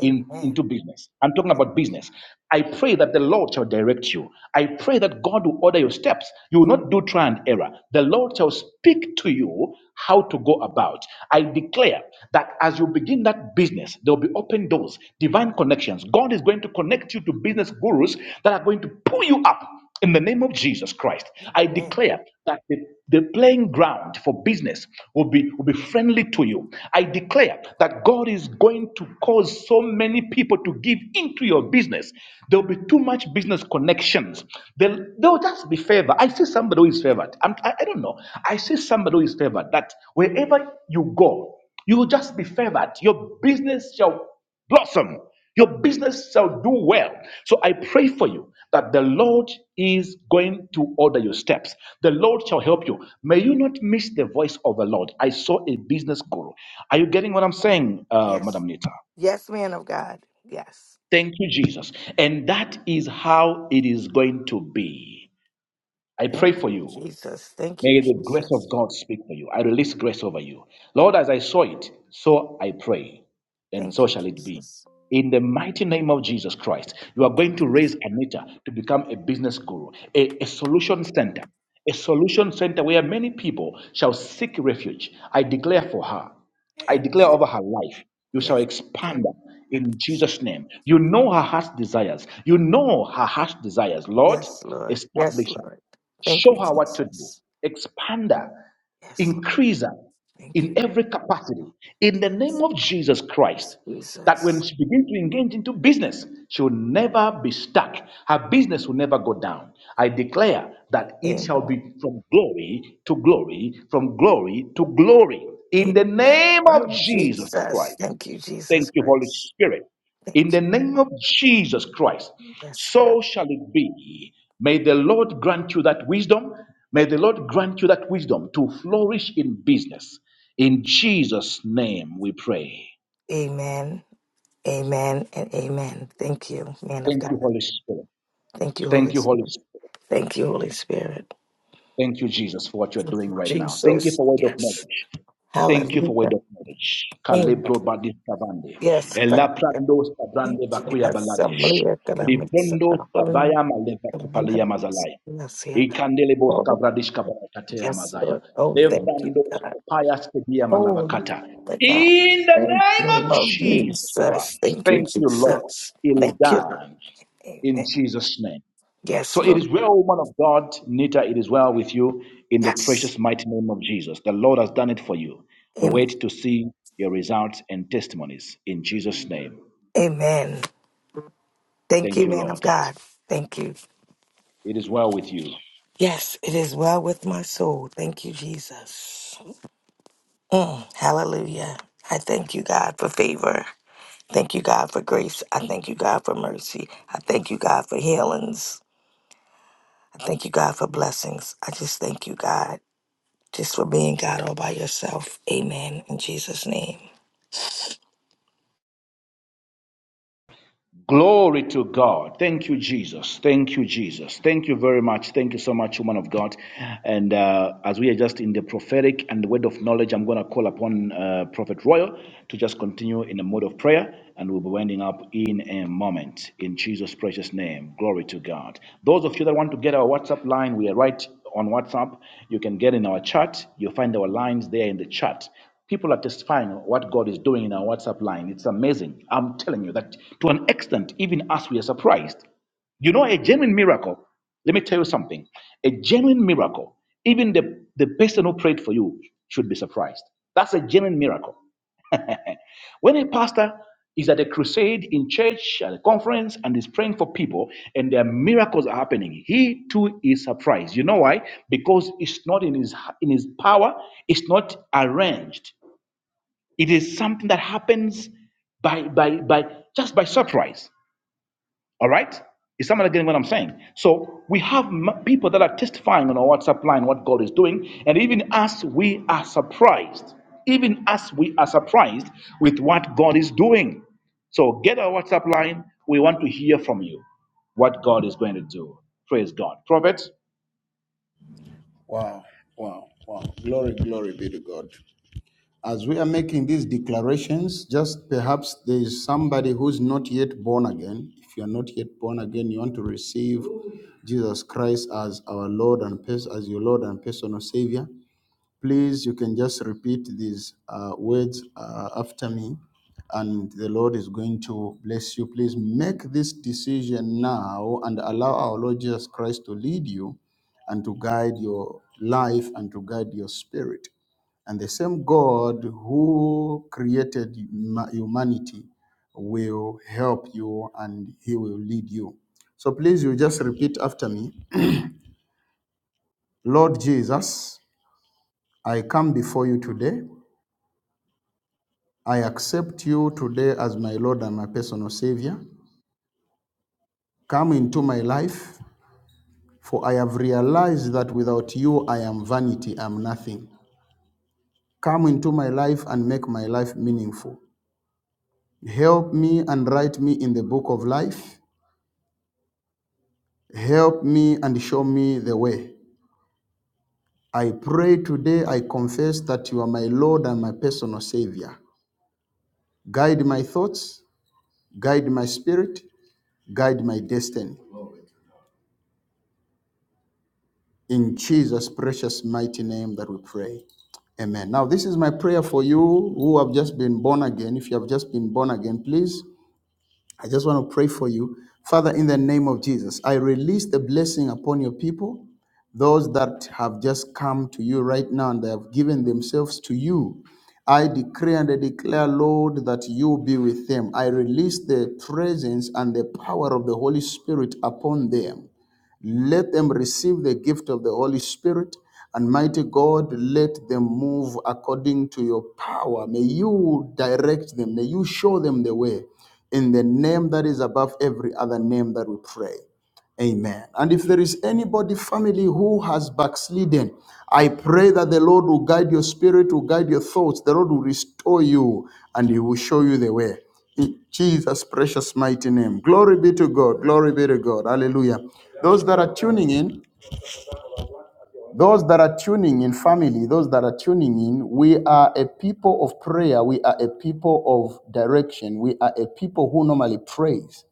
Speaker 1: in into business. I'm talking about business. I pray that the Lord shall direct you. I pray that God will order your steps. You will not do trial and error. The Lord shall speak to you how to go about. I declare that as you begin that business, there will be open doors, divine connections. God is going to connect you to business gurus that are going to pull you up in the name of Jesus Christ. I
Speaker 6: Amen.
Speaker 1: declare that the, the playing ground for business will be, will be friendly to you. I declare that God is going to cause so many people to give into your business. There will be too much business connections They'll, they'll just be favored. I see somebody who is favored. I'm, I, I don't know. I see somebody who is favored that wherever you go, you will just be favored. Your business shall blossom. Your business shall do well. So I pray for you that the Lord is going to order your steps. The Lord shall help you. May you not miss the voice of the Lord. I saw a business guru. Are you getting what I'm saying, uh,
Speaker 6: Yes.
Speaker 1: Madam Nita?
Speaker 6: Yes, man of God. Yes.
Speaker 1: Thank you, Jesus. And that is how it is going to be. I
Speaker 6: Thank
Speaker 1: pray for
Speaker 6: you,
Speaker 1: you.
Speaker 6: Jesus. Thank you,
Speaker 1: May the grace of
Speaker 6: Jesus.
Speaker 1: God speak for you. I release grace over you. Lord, as I saw it, so I pray, and
Speaker 6: Thank
Speaker 1: so
Speaker 6: you,
Speaker 1: shall it be.
Speaker 6: Jesus.
Speaker 1: In the mighty name of Jesus Christ, you are
Speaker 6: Thank
Speaker 1: going to raise Anita to become a business guru, a, a solution center, a solution center where many people shall seek refuge. I declare for her I
Speaker 6: you.
Speaker 1: declare
Speaker 6: Amen.
Speaker 1: over her life, you shall
Speaker 6: Yes.
Speaker 1: expand
Speaker 6: Jesus.
Speaker 1: her in Jesus' name. You know her heart's desires. You know her heart's desires. Lord,
Speaker 6: Yes, Lord. Yes,
Speaker 1: establish her.
Speaker 6: Lord. Thank
Speaker 1: Show
Speaker 6: you,
Speaker 1: her what to do.
Speaker 6: Jesus.
Speaker 1: Expand her.
Speaker 6: Yes, Lord.
Speaker 1: Increase her
Speaker 6: Thank
Speaker 1: in
Speaker 6: you.
Speaker 1: every capacity. In the name of Jesus Christ.
Speaker 6: Yes,
Speaker 1: That when
Speaker 6: Jesus.
Speaker 1: she begins to engage into business, she will never be stuck. Her business will never go down. I declare that it shall
Speaker 6: Amen.
Speaker 1: be from glory to glory, from glory to glory. In the
Speaker 6: Amen.
Speaker 1: name of
Speaker 6: Lord
Speaker 1: Jesus Christ.
Speaker 6: Jesus. Thank you,
Speaker 1: Thank
Speaker 6: Jesus
Speaker 1: you, Holy
Speaker 6: Christ.
Speaker 1: Spirit. In
Speaker 6: Thank
Speaker 1: the name of Jesus Christ,
Speaker 6: you. Yes, God.
Speaker 1: so shall it be. May the Lord grant you that wisdom. May the Lord grant you that wisdom to flourish in business. In Jesus' name we pray.
Speaker 6: Amen. Amen and amen. Thank you, man of
Speaker 1: Thank
Speaker 6: God.
Speaker 1: you, Holy Spirit.
Speaker 6: Thank you,
Speaker 1: Thank
Speaker 6: Holy
Speaker 1: you, Holy
Speaker 6: Spirit.
Speaker 1: Spirit.
Speaker 6: Thank you, Holy Spirit.
Speaker 1: Thank you, Jesus, for what you're
Speaker 6: Thank
Speaker 1: doing
Speaker 6: you,
Speaker 1: right now. Thank you
Speaker 6: Jesus.
Speaker 1: for word of
Speaker 6: Yes.
Speaker 1: knowledge. Thank you for word
Speaker 6: Hallelujah.
Speaker 1: of knowledge.
Speaker 6: Amen.
Speaker 1: Calebro badis cavande.
Speaker 6: Yes, Father.
Speaker 1: Elaprando
Speaker 6: Thank
Speaker 1: sabrande
Speaker 6: you.
Speaker 1: bakuya baladish.
Speaker 6: Assembly economics and
Speaker 1: Libondo
Speaker 6: hallelujah.
Speaker 1: sabaya maleva kupalia
Speaker 6: Assembly.
Speaker 1: mazalaya.
Speaker 6: Yes, yeah.
Speaker 1: Ikandelebo
Speaker 6: Holy.
Speaker 1: skavradish kabarakatea
Speaker 6: Yes,
Speaker 1: mazaya.
Speaker 6: Lord. Oh, thank you,
Speaker 1: Levrando
Speaker 6: God.
Speaker 1: skopaya skedia
Speaker 6: Holy
Speaker 1: malavakata.
Speaker 6: the God.
Speaker 1: In the
Speaker 6: Thank you,
Speaker 1: name of
Speaker 6: Lord
Speaker 1: Jesus
Speaker 6: Jesus.
Speaker 1: Christ.
Speaker 6: Thank you,
Speaker 1: Thank you, Lord.
Speaker 6: Jesus. Thank you, Lord.
Speaker 1: Ildan. In
Speaker 6: Amen.
Speaker 1: Jesus' name. So
Speaker 6: Yes,
Speaker 1: it
Speaker 6: Lord.
Speaker 1: is well, woman of God, Nita, it is well with you in the
Speaker 6: Yes.
Speaker 1: precious mighty name of Jesus. The Lord has done it for you. We
Speaker 6: Amen.
Speaker 1: wait to see your results and testimonies in Jesus' name.
Speaker 6: Amen. Thank
Speaker 1: Thank
Speaker 6: you,
Speaker 1: you,
Speaker 6: man of
Speaker 1: Lord.
Speaker 6: God. Thank you.
Speaker 1: It is well with you.
Speaker 6: Yes, it is well with my soul. Thank you, Jesus. Mm, hallelujah. I thank you, God, for favor. Thank you, God, for grace. I thank you, God, for mercy. I thank you, God, for healings. I thank you, God, for blessings. I just thank you, God, just for being God all by yourself. Amen. In Jesus' name.
Speaker 1: Glory to God. Thank you, Jesus. Thank you, Jesus. Thank you very much. Thank you so much, woman of God. And uh, as we are just in the prophetic and the word of knowledge, I'm going to call upon uh, Prophet Royal to just continue in a mode of prayer, and we'll be winding up in a moment. In Jesus' precious name. Glory to God. Those of you that want to get our WhatsApp line, we are right on WhatsApp. You can get in our chat. You'll find our lines there in the chat. People are testifying of what God is doing in our WhatsApp line. It's amazing. I'm telling you that to an extent, even us, we are surprised. You know, a genuine miracle, let me tell you something. A genuine miracle, even the, the person who prayed for you should be surprised. That's a genuine miracle. when a pastor is at a crusade in church, at a conference, and is praying for people, and their miracles are happening, he too is surprised. You know why? Because it's not in his, in his power, it's not arranged. It is something that happens by by by just by surprise. All right? Is someone getting what I'm saying? So we have m- people that are testifying on our WhatsApp line what God is doing, and even us, we are surprised. Even us, we are surprised with what God is doing. So get our WhatsApp line. We want to hear from you what God is going to do. Praise God. Prophet?
Speaker 2: Wow, wow, wow. Glory, glory be to God. As we. Hence, just perhaps there is somebody who's not yet born. If you are not yet born again, you want to receive Jesus Christ as our Lord and as your Lord and personal Savior. Please, you can just repeat these uh, words uh, after me, and the Lord is going to bless you. Please make this decision now and allow our Lord Jesus Christ to lead you and to guide your life and to guide your spirit. And the same God who created huma- humanity will help you and he will lead you. So please, you just repeat after me Lord Jesus, I come before you today I accept you today as my Lord and my personal Savior. Come into my life, for I have realized that without you I am vanity, I am nothing. Come into my life and make my life meaningful. Help me and write me in the book of life. Help me and show me the way. I pray today, I confess that you are my Lord and my personal Savior. Guide my thoughts, guide my spirit, guide my destiny. In Jesus' precious mighty name that we pray. Amen. Now, this is my prayer for you who have just been born again. If you have just been born again, please, I just want to pray for you. Father, in the name of Jesus, I release the blessing upon your people, those that have just come to you right now and they have given themselves to you. I decree and I declare, Lord, that you be with them. I release the presence and the power of the Holy Spirit upon them. Let them receive the gift of the Holy Spirit. And mighty God, let them move according to your power. May you direct them. May you show them the way in the name that is above every other name that we pray. Amen. And if there is anybody, family, who has backslidden, I pray that the Lord will guide your spirit, will guide your thoughts. The Lord will restore you and He will show you the way. In Jesus' precious mighty name. Glory be to God. Glory be to God. Hallelujah. Those that are tuning in, those that are tuning in, family, those that are tuning in, we are a people of prayer. We are a people of direction. We are a people who normally praise.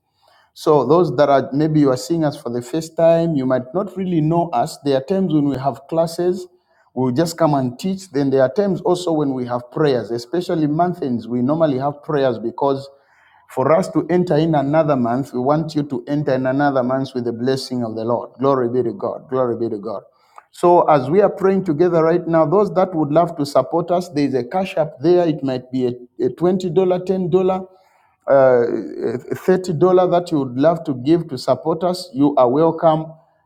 Speaker 2: So those that are maybe you are seeing us for the first time, you might not really know us. There are times when we have classes, we'll just come and teach. Then there are times also when we have prayers, especially month ends. We normally have prayers because for us to enter in another month, we want you to enter in another month with the blessing of the Lord. Glory be to God. Glory be to God. So as we are praying together right now, those that would love to support us, there is a cash app there. It might be a, a $20, dollars, $10 uh, thirty dollar that you would love to give to support us, you are welcome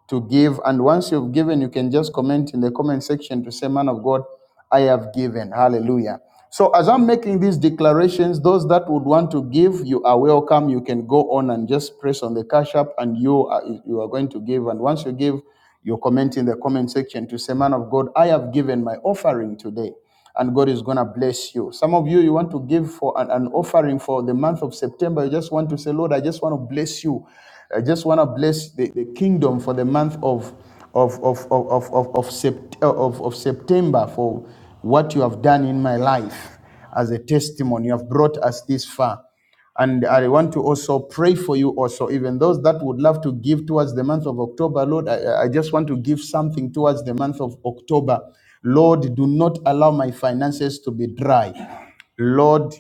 Speaker 2: to give. And once you've given, you can just comment in the comment section to say, "Man of God." I have given. Hallelujah. So, as I'm making these declarations, those that would want to give, you are welcome. You can go on and just press on the cash app, and you are, you are going to give. And once you give, you comment in the comment section to say, Man of God, I have given my offering today and God is going to bless you. Some of you, you want to give for an, an offering for the month of September. You just want to say, Lord, I just want to bless you. I just want to bless the, the kingdom for the month of, of, of, of, of, of, of, Sept- of, of September for what you have done in my life as a testimony. You have brought us this far. And I want to also pray for you, also, even those that would love to give towards the month of October, Lord. I, I just want to give something towards the month of October. Lord, do not allow my finances to be dry. Lord,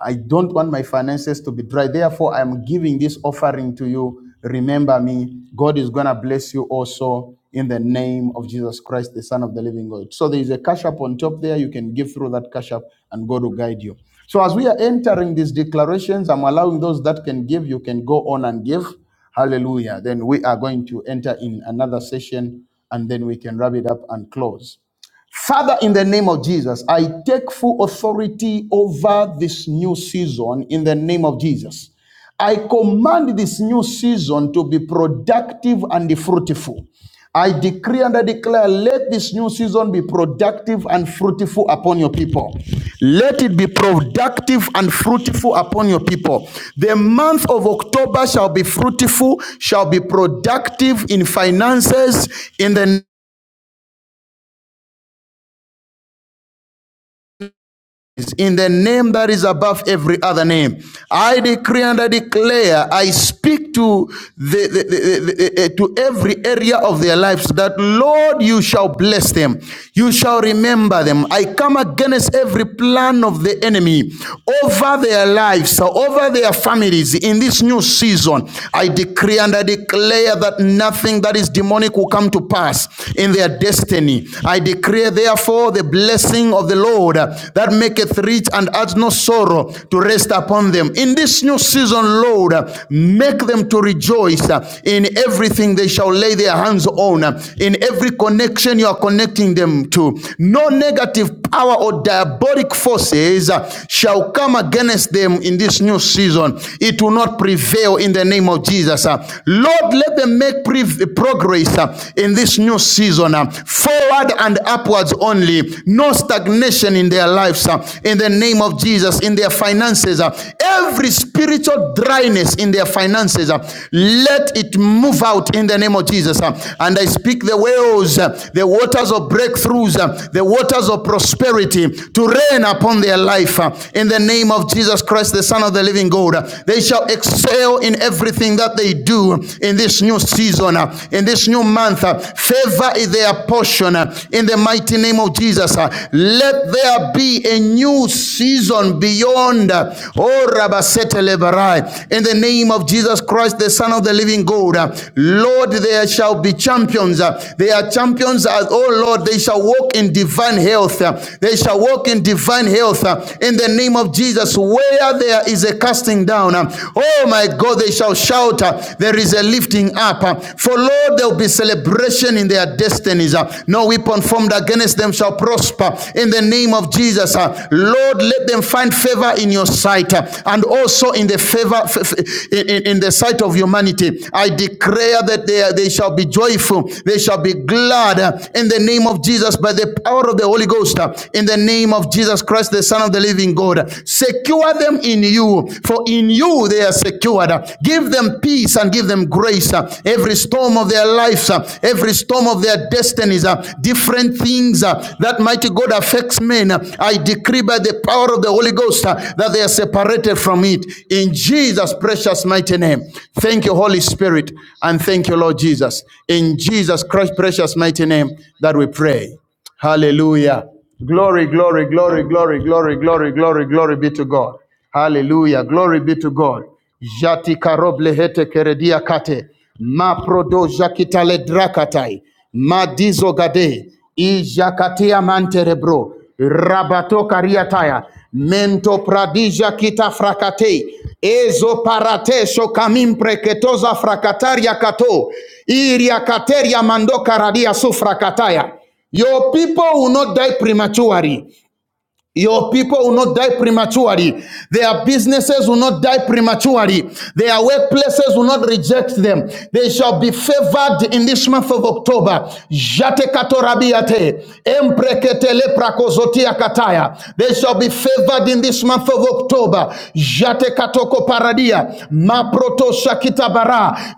Speaker 2: I don't want my finances to be dry. Therefore, I am giving this offering to you to remember me. God is going to bless you also in the name of Jesus Christ, the Son of the living God. So there is a cash up on top there. You can give through that cash up and God will guide you. So as we are entering these declarations, I'm allowing those that can give, you can go on and give. Hallelujah. Then we are going to enter in another session and then we can wrap it up and close. Father, in the name of Jesus, I take full authority over this new season in the name of Jesus. I command this new season to be productive and fruitful. I decree and I declare, let this new season be productive and fruitful upon your people. Let it be productive and fruitful upon your people. The month of October shall be fruitful, shall be productive in finances, in the in the name that is above every other name. I decree and I declare, I speak to the, the- the- the- eh, to every area of their lives that Lord, you shall bless them. You shall remember them. I come against every plan of the enemy over their lives, over their families in this new season. I decree and I declare that nothing that is demonic will come to pass in their destiny. I declare therefore the blessing of the Lord uh, that maketh rich and adds no sorrow to rest upon them. In this new season, Lord, uh, make them to rejoice uh, in everything they shall lay their hands on, uh, in every connection you are connecting them to. No negative power or diabolic forces uh, shall come against them in this new season. It will not prevail in the name of Jesus. uh. Lord, let them make progress uh, in this new season. uh uh, forward and upwards only. No stagnation in their lives uh, in the name of Jesus, in their finances. uh, Every spiritual dryness in their finances, uh, let it move out in the name of Jesus. uh, And I speak the wells, uh, the waters of breakthroughs, uh, the waters of prosperity to rain upon their life uh, in the name of Jesus Christ, the Son of the living God. Uh, They shall excel in everything that they do in this new season. uh, in this new month. uh, Favor is their portion uh, in the mighty name of Jesus. uh, Let there be a new season beyond. uh, Oh, Rabasete Lebarai. In the name of Jesus Christ, the Son of the living God. uh, Lord, there shall be champions. They are champions. as- Oh, Lord, they shall walk in divine health. uh, They shall walk in divine health. uh, In the name of Jesus, where there is a casting down, uh, oh, my God, they shall shout altar, there is a lifting up. For Lord, there will be celebration in their destinies. No weapon formed against them shall prosper in the name of Jesus. Lord, let them find favor in your sight and also in the favor in, the sight of humanity. I declare that they, they shall be joyful, they shall be glad in the name of Jesus by the power of the Holy Ghost, in the name of Jesus Christ, the Son of the living God. Secure them in you, for in in you they are secured. Give them peace and give them grace. Every storm of their lives, every storm of their destinies, different things that mighty God affects men. I decree by the power of the Holy Ghost that they are separated from it. In Jesus' precious mighty name. Thank you, Holy Spirit, and thank you, Lord Jesus. In Jesus Christ's precious mighty name that we pray. Hallelujah. Glory, glory, glory, glory, glory, glory, glory, glory be to God. Hallelujah. Glory be to God. Jati karoble hete keredia kate. Ma prodo jakitale drakatai. Ma dizo gade. Ijakatia manterebro. Rabato kariataya. Mento pradija kita frakate. Ezo parate so kamim preketoza frakataria kato. Iria kateria mando karadia su frakataya. Your people will not die prematurely. Your people will not die prematurely. Their businesses will not die prematurely. Their workplaces will not reject them. They shall be favored in this month of October. Jate katorabiate, emprekete kataya. They shall be favored in this month of October. Jate paradia, maproto shakita bara,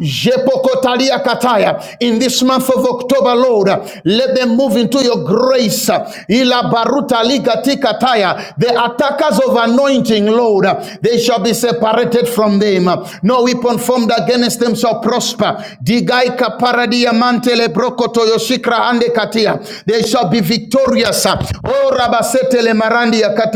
Speaker 2: Atalia Kataya. In this month of October, Lord, let them move into your grace. Ila baruta liga tikataya. The attackers of anointing, Lord, they shall be separated from them. No weapon formed against them shall prosper. Digai paradia mantele brokoto yoshikra ande katia. They shall be victorious. Oh, rabasete le marandi ya kata.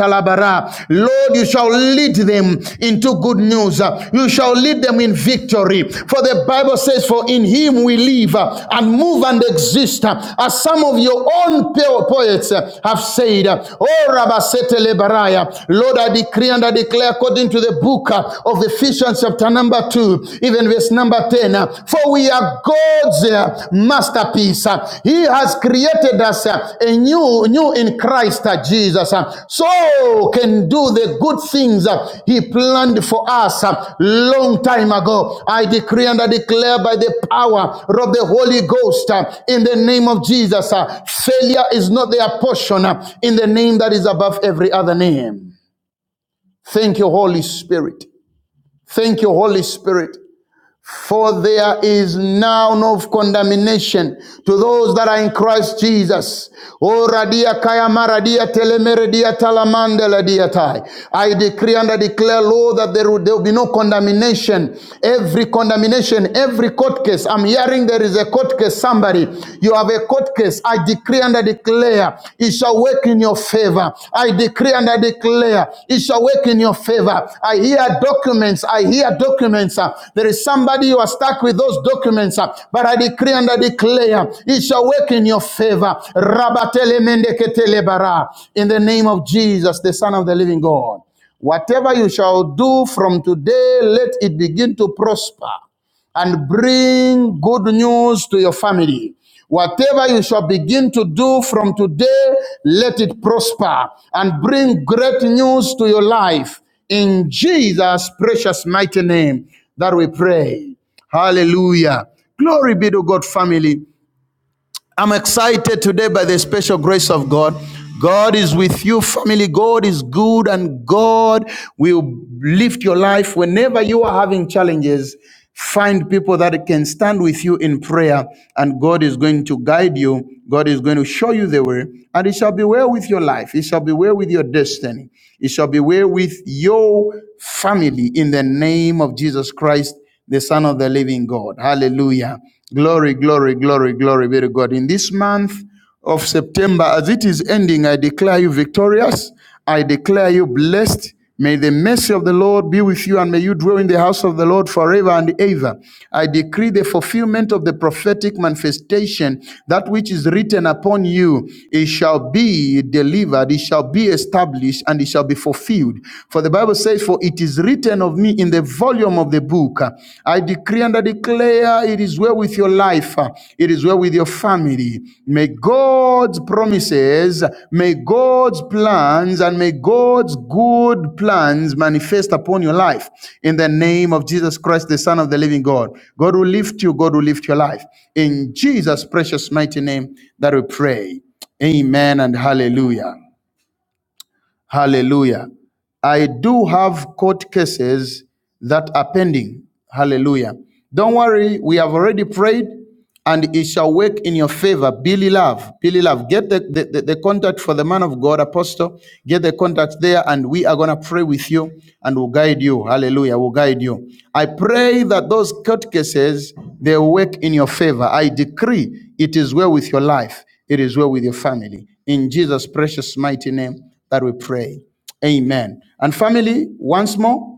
Speaker 2: Lord, you shall lead them into good news. Uh, You shall lead them in victory. For the Bible says, For in him we live uh, and move and exist. uh, As some of your own poets uh, have said, uh, Oh Rabasete Lebaraya, Lord, I decree and I declare according to the book uh, of Ephesians, chapter number 2, even verse number 10, uh, For we are God." God's uh, masterpiece. He has created us anew, new in Christ uh, Jesus, Uh, so can do the good things uh, He planned for us uh, long time ago. I decree and I declare by the power of the Holy Ghost uh, in the name of Jesus, uh, failure is not their portion uh, in the name that is above every other name. Thank you, Holy Spirit. Thank you, Holy Spirit. For there is now no condemnation to those that are in Christ Jesus. Oh, radia kaya maradia telemeredia talamandela diatai. I decree and I declare, Lord, that there will, there will be no condemnation. Every condemnation, every court case. I'm hearing there is a court case. Somebody, you have a court case. I decree and I declare, it shall work in your favor. I decree and I declare it shall work in your favor. I hear documents. I hear documents. uh, There is somebody you are stuck with those documents, uh, but I decree and I declare it shall work in your favor. Rabatele mendeketele bara. In the name of Jesus, the Son of the Living God. Whatever you shall do from today, let it begin to prosper and bring good news to your family. Whatever you shall begin to do from today, let it prosper and bring great news to your life. In Jesus' precious mighty name that we pray. Hallelujah. Glory be to God, family. I'm excited today by the special grace of God. God is with you, family. God is good, and God will lift your life. Whenever you are having challenges, find people that can stand with you in prayer, and God is going to guide you. God is going to show you the way, and it shall be well with your life. It shall be well with your destiny. It shall be well with your family in the name of Jesus Christ the Son of the living God. Hallelujah. Glory, glory, glory, glory be to God. In this month of September, as it is ending, I declare you victorious. I declare you blessed. May the mercy of the Lord be with you and may you dwell in the house of the Lord forever and ever. I decree the fulfillment of the prophetic manifestation, that which is written upon you, it shall be delivered, it shall be established, and it shall be fulfilled. For the Bible Bible says, For it is written of me in the volume of the book, uh, I decree and I declare it is well with your life, uh, it is well with your family. May God's promises, may God's plans, and may God's good plans manifest upon your life in the name of Jesus Christ, the Son of the living God. God will lift you, God will lift your life. In Jesus' precious mighty name that we pray. Amen and hallelujah. Hallelujah. I do have court cases that are pending. Hallelujah. Don't worry, we have already prayed and it shall work in your favor. Billy Love, Billy Love, get the, the, the, the contact for the man of God, Apostle. Get the contact there and we are going to pray with you and we'll guide you. Hallelujah. We'll guide you. I pray that those court cases, they work in your favor. I decree it is well with your life. It is well with your family. In Jesus' precious mighty name, that we pray. Amen. And family, once more,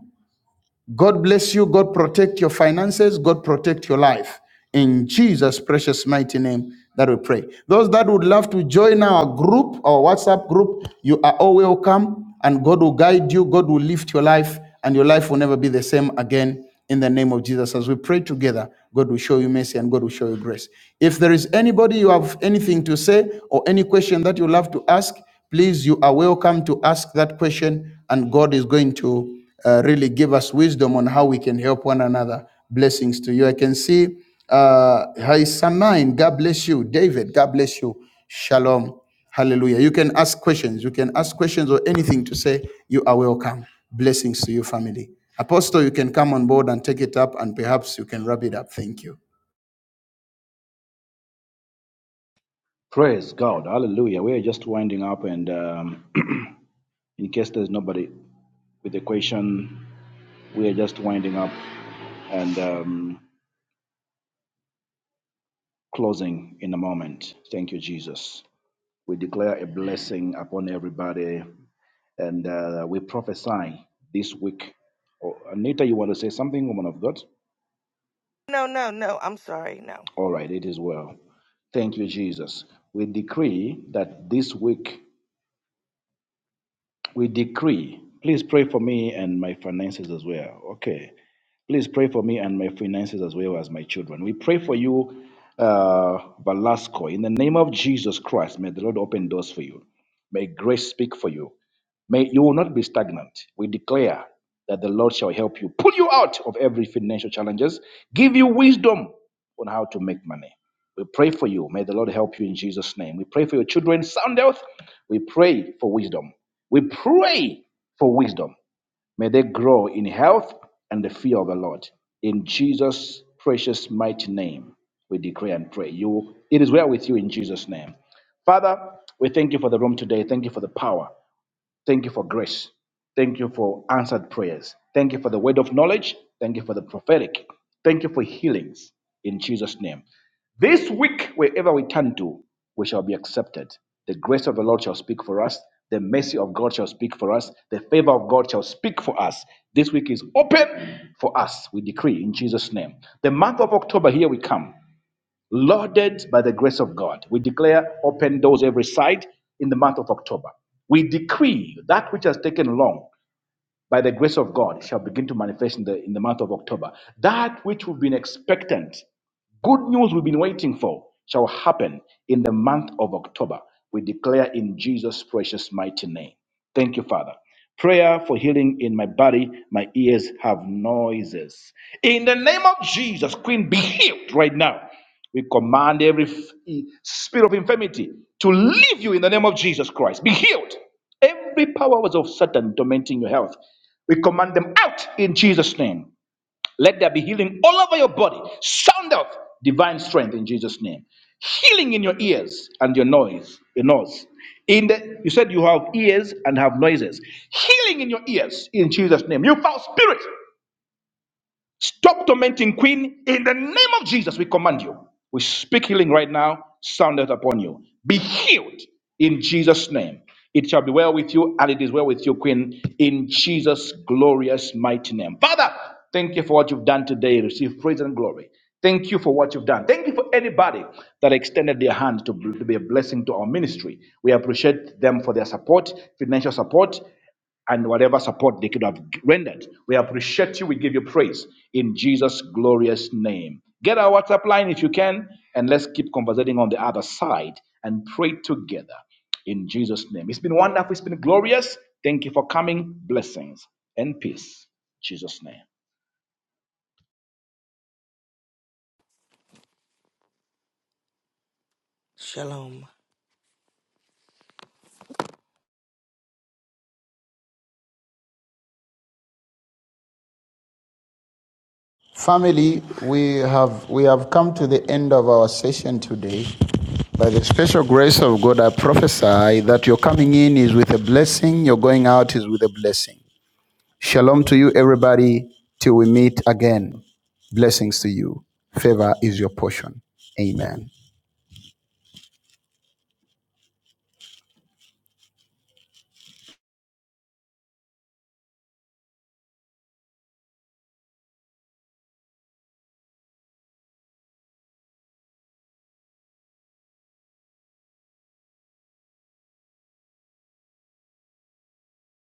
Speaker 2: God bless you. God protect your finances. God protect your life. In Jesus' precious mighty name that we pray. Those that would love to join our group, our WhatsApp group, you are all welcome. And God will guide you. God will lift your life, and your life will never be the same again. In the name of Jesus, as we pray together, God will show you mercy and God will show you grace. If there is anybody you have anything to say or any question that you love to ask, Please, you are welcome to ask that question, and God is going to uh, really give us wisdom on how we can help one another. Blessings to you. I can see uh, Hi Samain. God bless you. David, God bless you. Shalom. Hallelujah. You can ask questions. You can ask questions or anything to say. You are welcome. Blessings to you, family. Apostle, you can come on board and take it up, and perhaps you can wrap it up. Thank you.
Speaker 1: Praise God. Hallelujah. We're just winding up, and um, in case there's nobody with a question, We are just winding up and um, closing in a moment. Thank you, Jesus. We declare a blessing upon everybody and uh, we prophesy this week. Oh, Anita, you want to say something, woman of God?
Speaker 6: No, no, no. I'm sorry. No.
Speaker 1: All right, it is well. Thank you, Jesus. We decree that this week, we decree, please pray for me and my finances as well. Okay. Please pray for me and my finances as well as my children. We pray for you, uh, Velasco. In the name of Jesus Christ, may the Lord open doors for you. May grace speak for you. May you will not be stagnant. We declare that the Lord shall help you, pull you out of every financial challenges, give you wisdom on how to make money. We pray for you. May the Lord help you in Jesus' name. We pray for your children, sound health. We pray for wisdom. We pray for wisdom. May they grow in health and the fear of the Lord. In Jesus' precious mighty name, we declare and pray. You, it is well with you in Jesus' name. Father, we thank you for the room today. Thank you for the power. Thank you for grace. Thank you for answered prayers. Thank you for the word of knowledge. Thank you for the prophetic. Thank you for healings in Jesus' name. This week, wherever we turn to, we shall be accepted. The grace of the Lord shall speak for us. The mercy of God shall speak for us. The favor of God shall speak for us. This week is open for us, we decree in Jesus' name. The month of October, here we come. Loaded by the grace of God. We declare open doors every side in the month of October. We decree that which has taken long by the grace of God shall begin to manifest in the, in the month of October. That which we've been expectant Good news we've been waiting for shall happen in the month of October. We declare in Jesus' precious mighty name. Thank you, Father. Prayer for healing in my body. My ears have noises. In the name of Jesus, Queen, be healed right now. We command every f- e, spirit of infirmity to leave you in the name of Jesus Christ. Be healed. Every power was of Satan tormenting your health. We command them out in Jesus' name. Let there be healing all over your body. Sound of divine strength in Jesus' name. Healing in your ears and your noise, your nose. In the you said you have ears and have noises. Healing in your ears in Jesus' name. You foul spirit. Stop tormenting, Queen. In the name of Jesus, we command you. We speak healing right now. Sound it upon you. Be healed in Jesus' name. It shall be well with you, and it is well with you, Queen, in Jesus' glorious mighty name. Father, thank you for what you've done today. Receive praise and glory. Thank you for what you've done. Thank you for anybody that extended their hand to to be a blessing to our ministry. We appreciate them for their support, financial support and whatever support they could have rendered. We appreciate you. We give you praise in Jesus' glorious name. Get our WhatsApp line if you can, and let's keep conversating on the other side and pray together in Jesus' name. It's been wonderful. It's been glorious. Thank you for coming. Blessings and peace. In Jesus' name.
Speaker 6: Shalom.
Speaker 2: Family, we have we have come to the end of our session today. By the special grace of God, I prophesy that your coming in is with a blessing, your going out is with a blessing. Shalom to you, everybody, till we meet again. Blessings to you. Favor is your portion. Amen.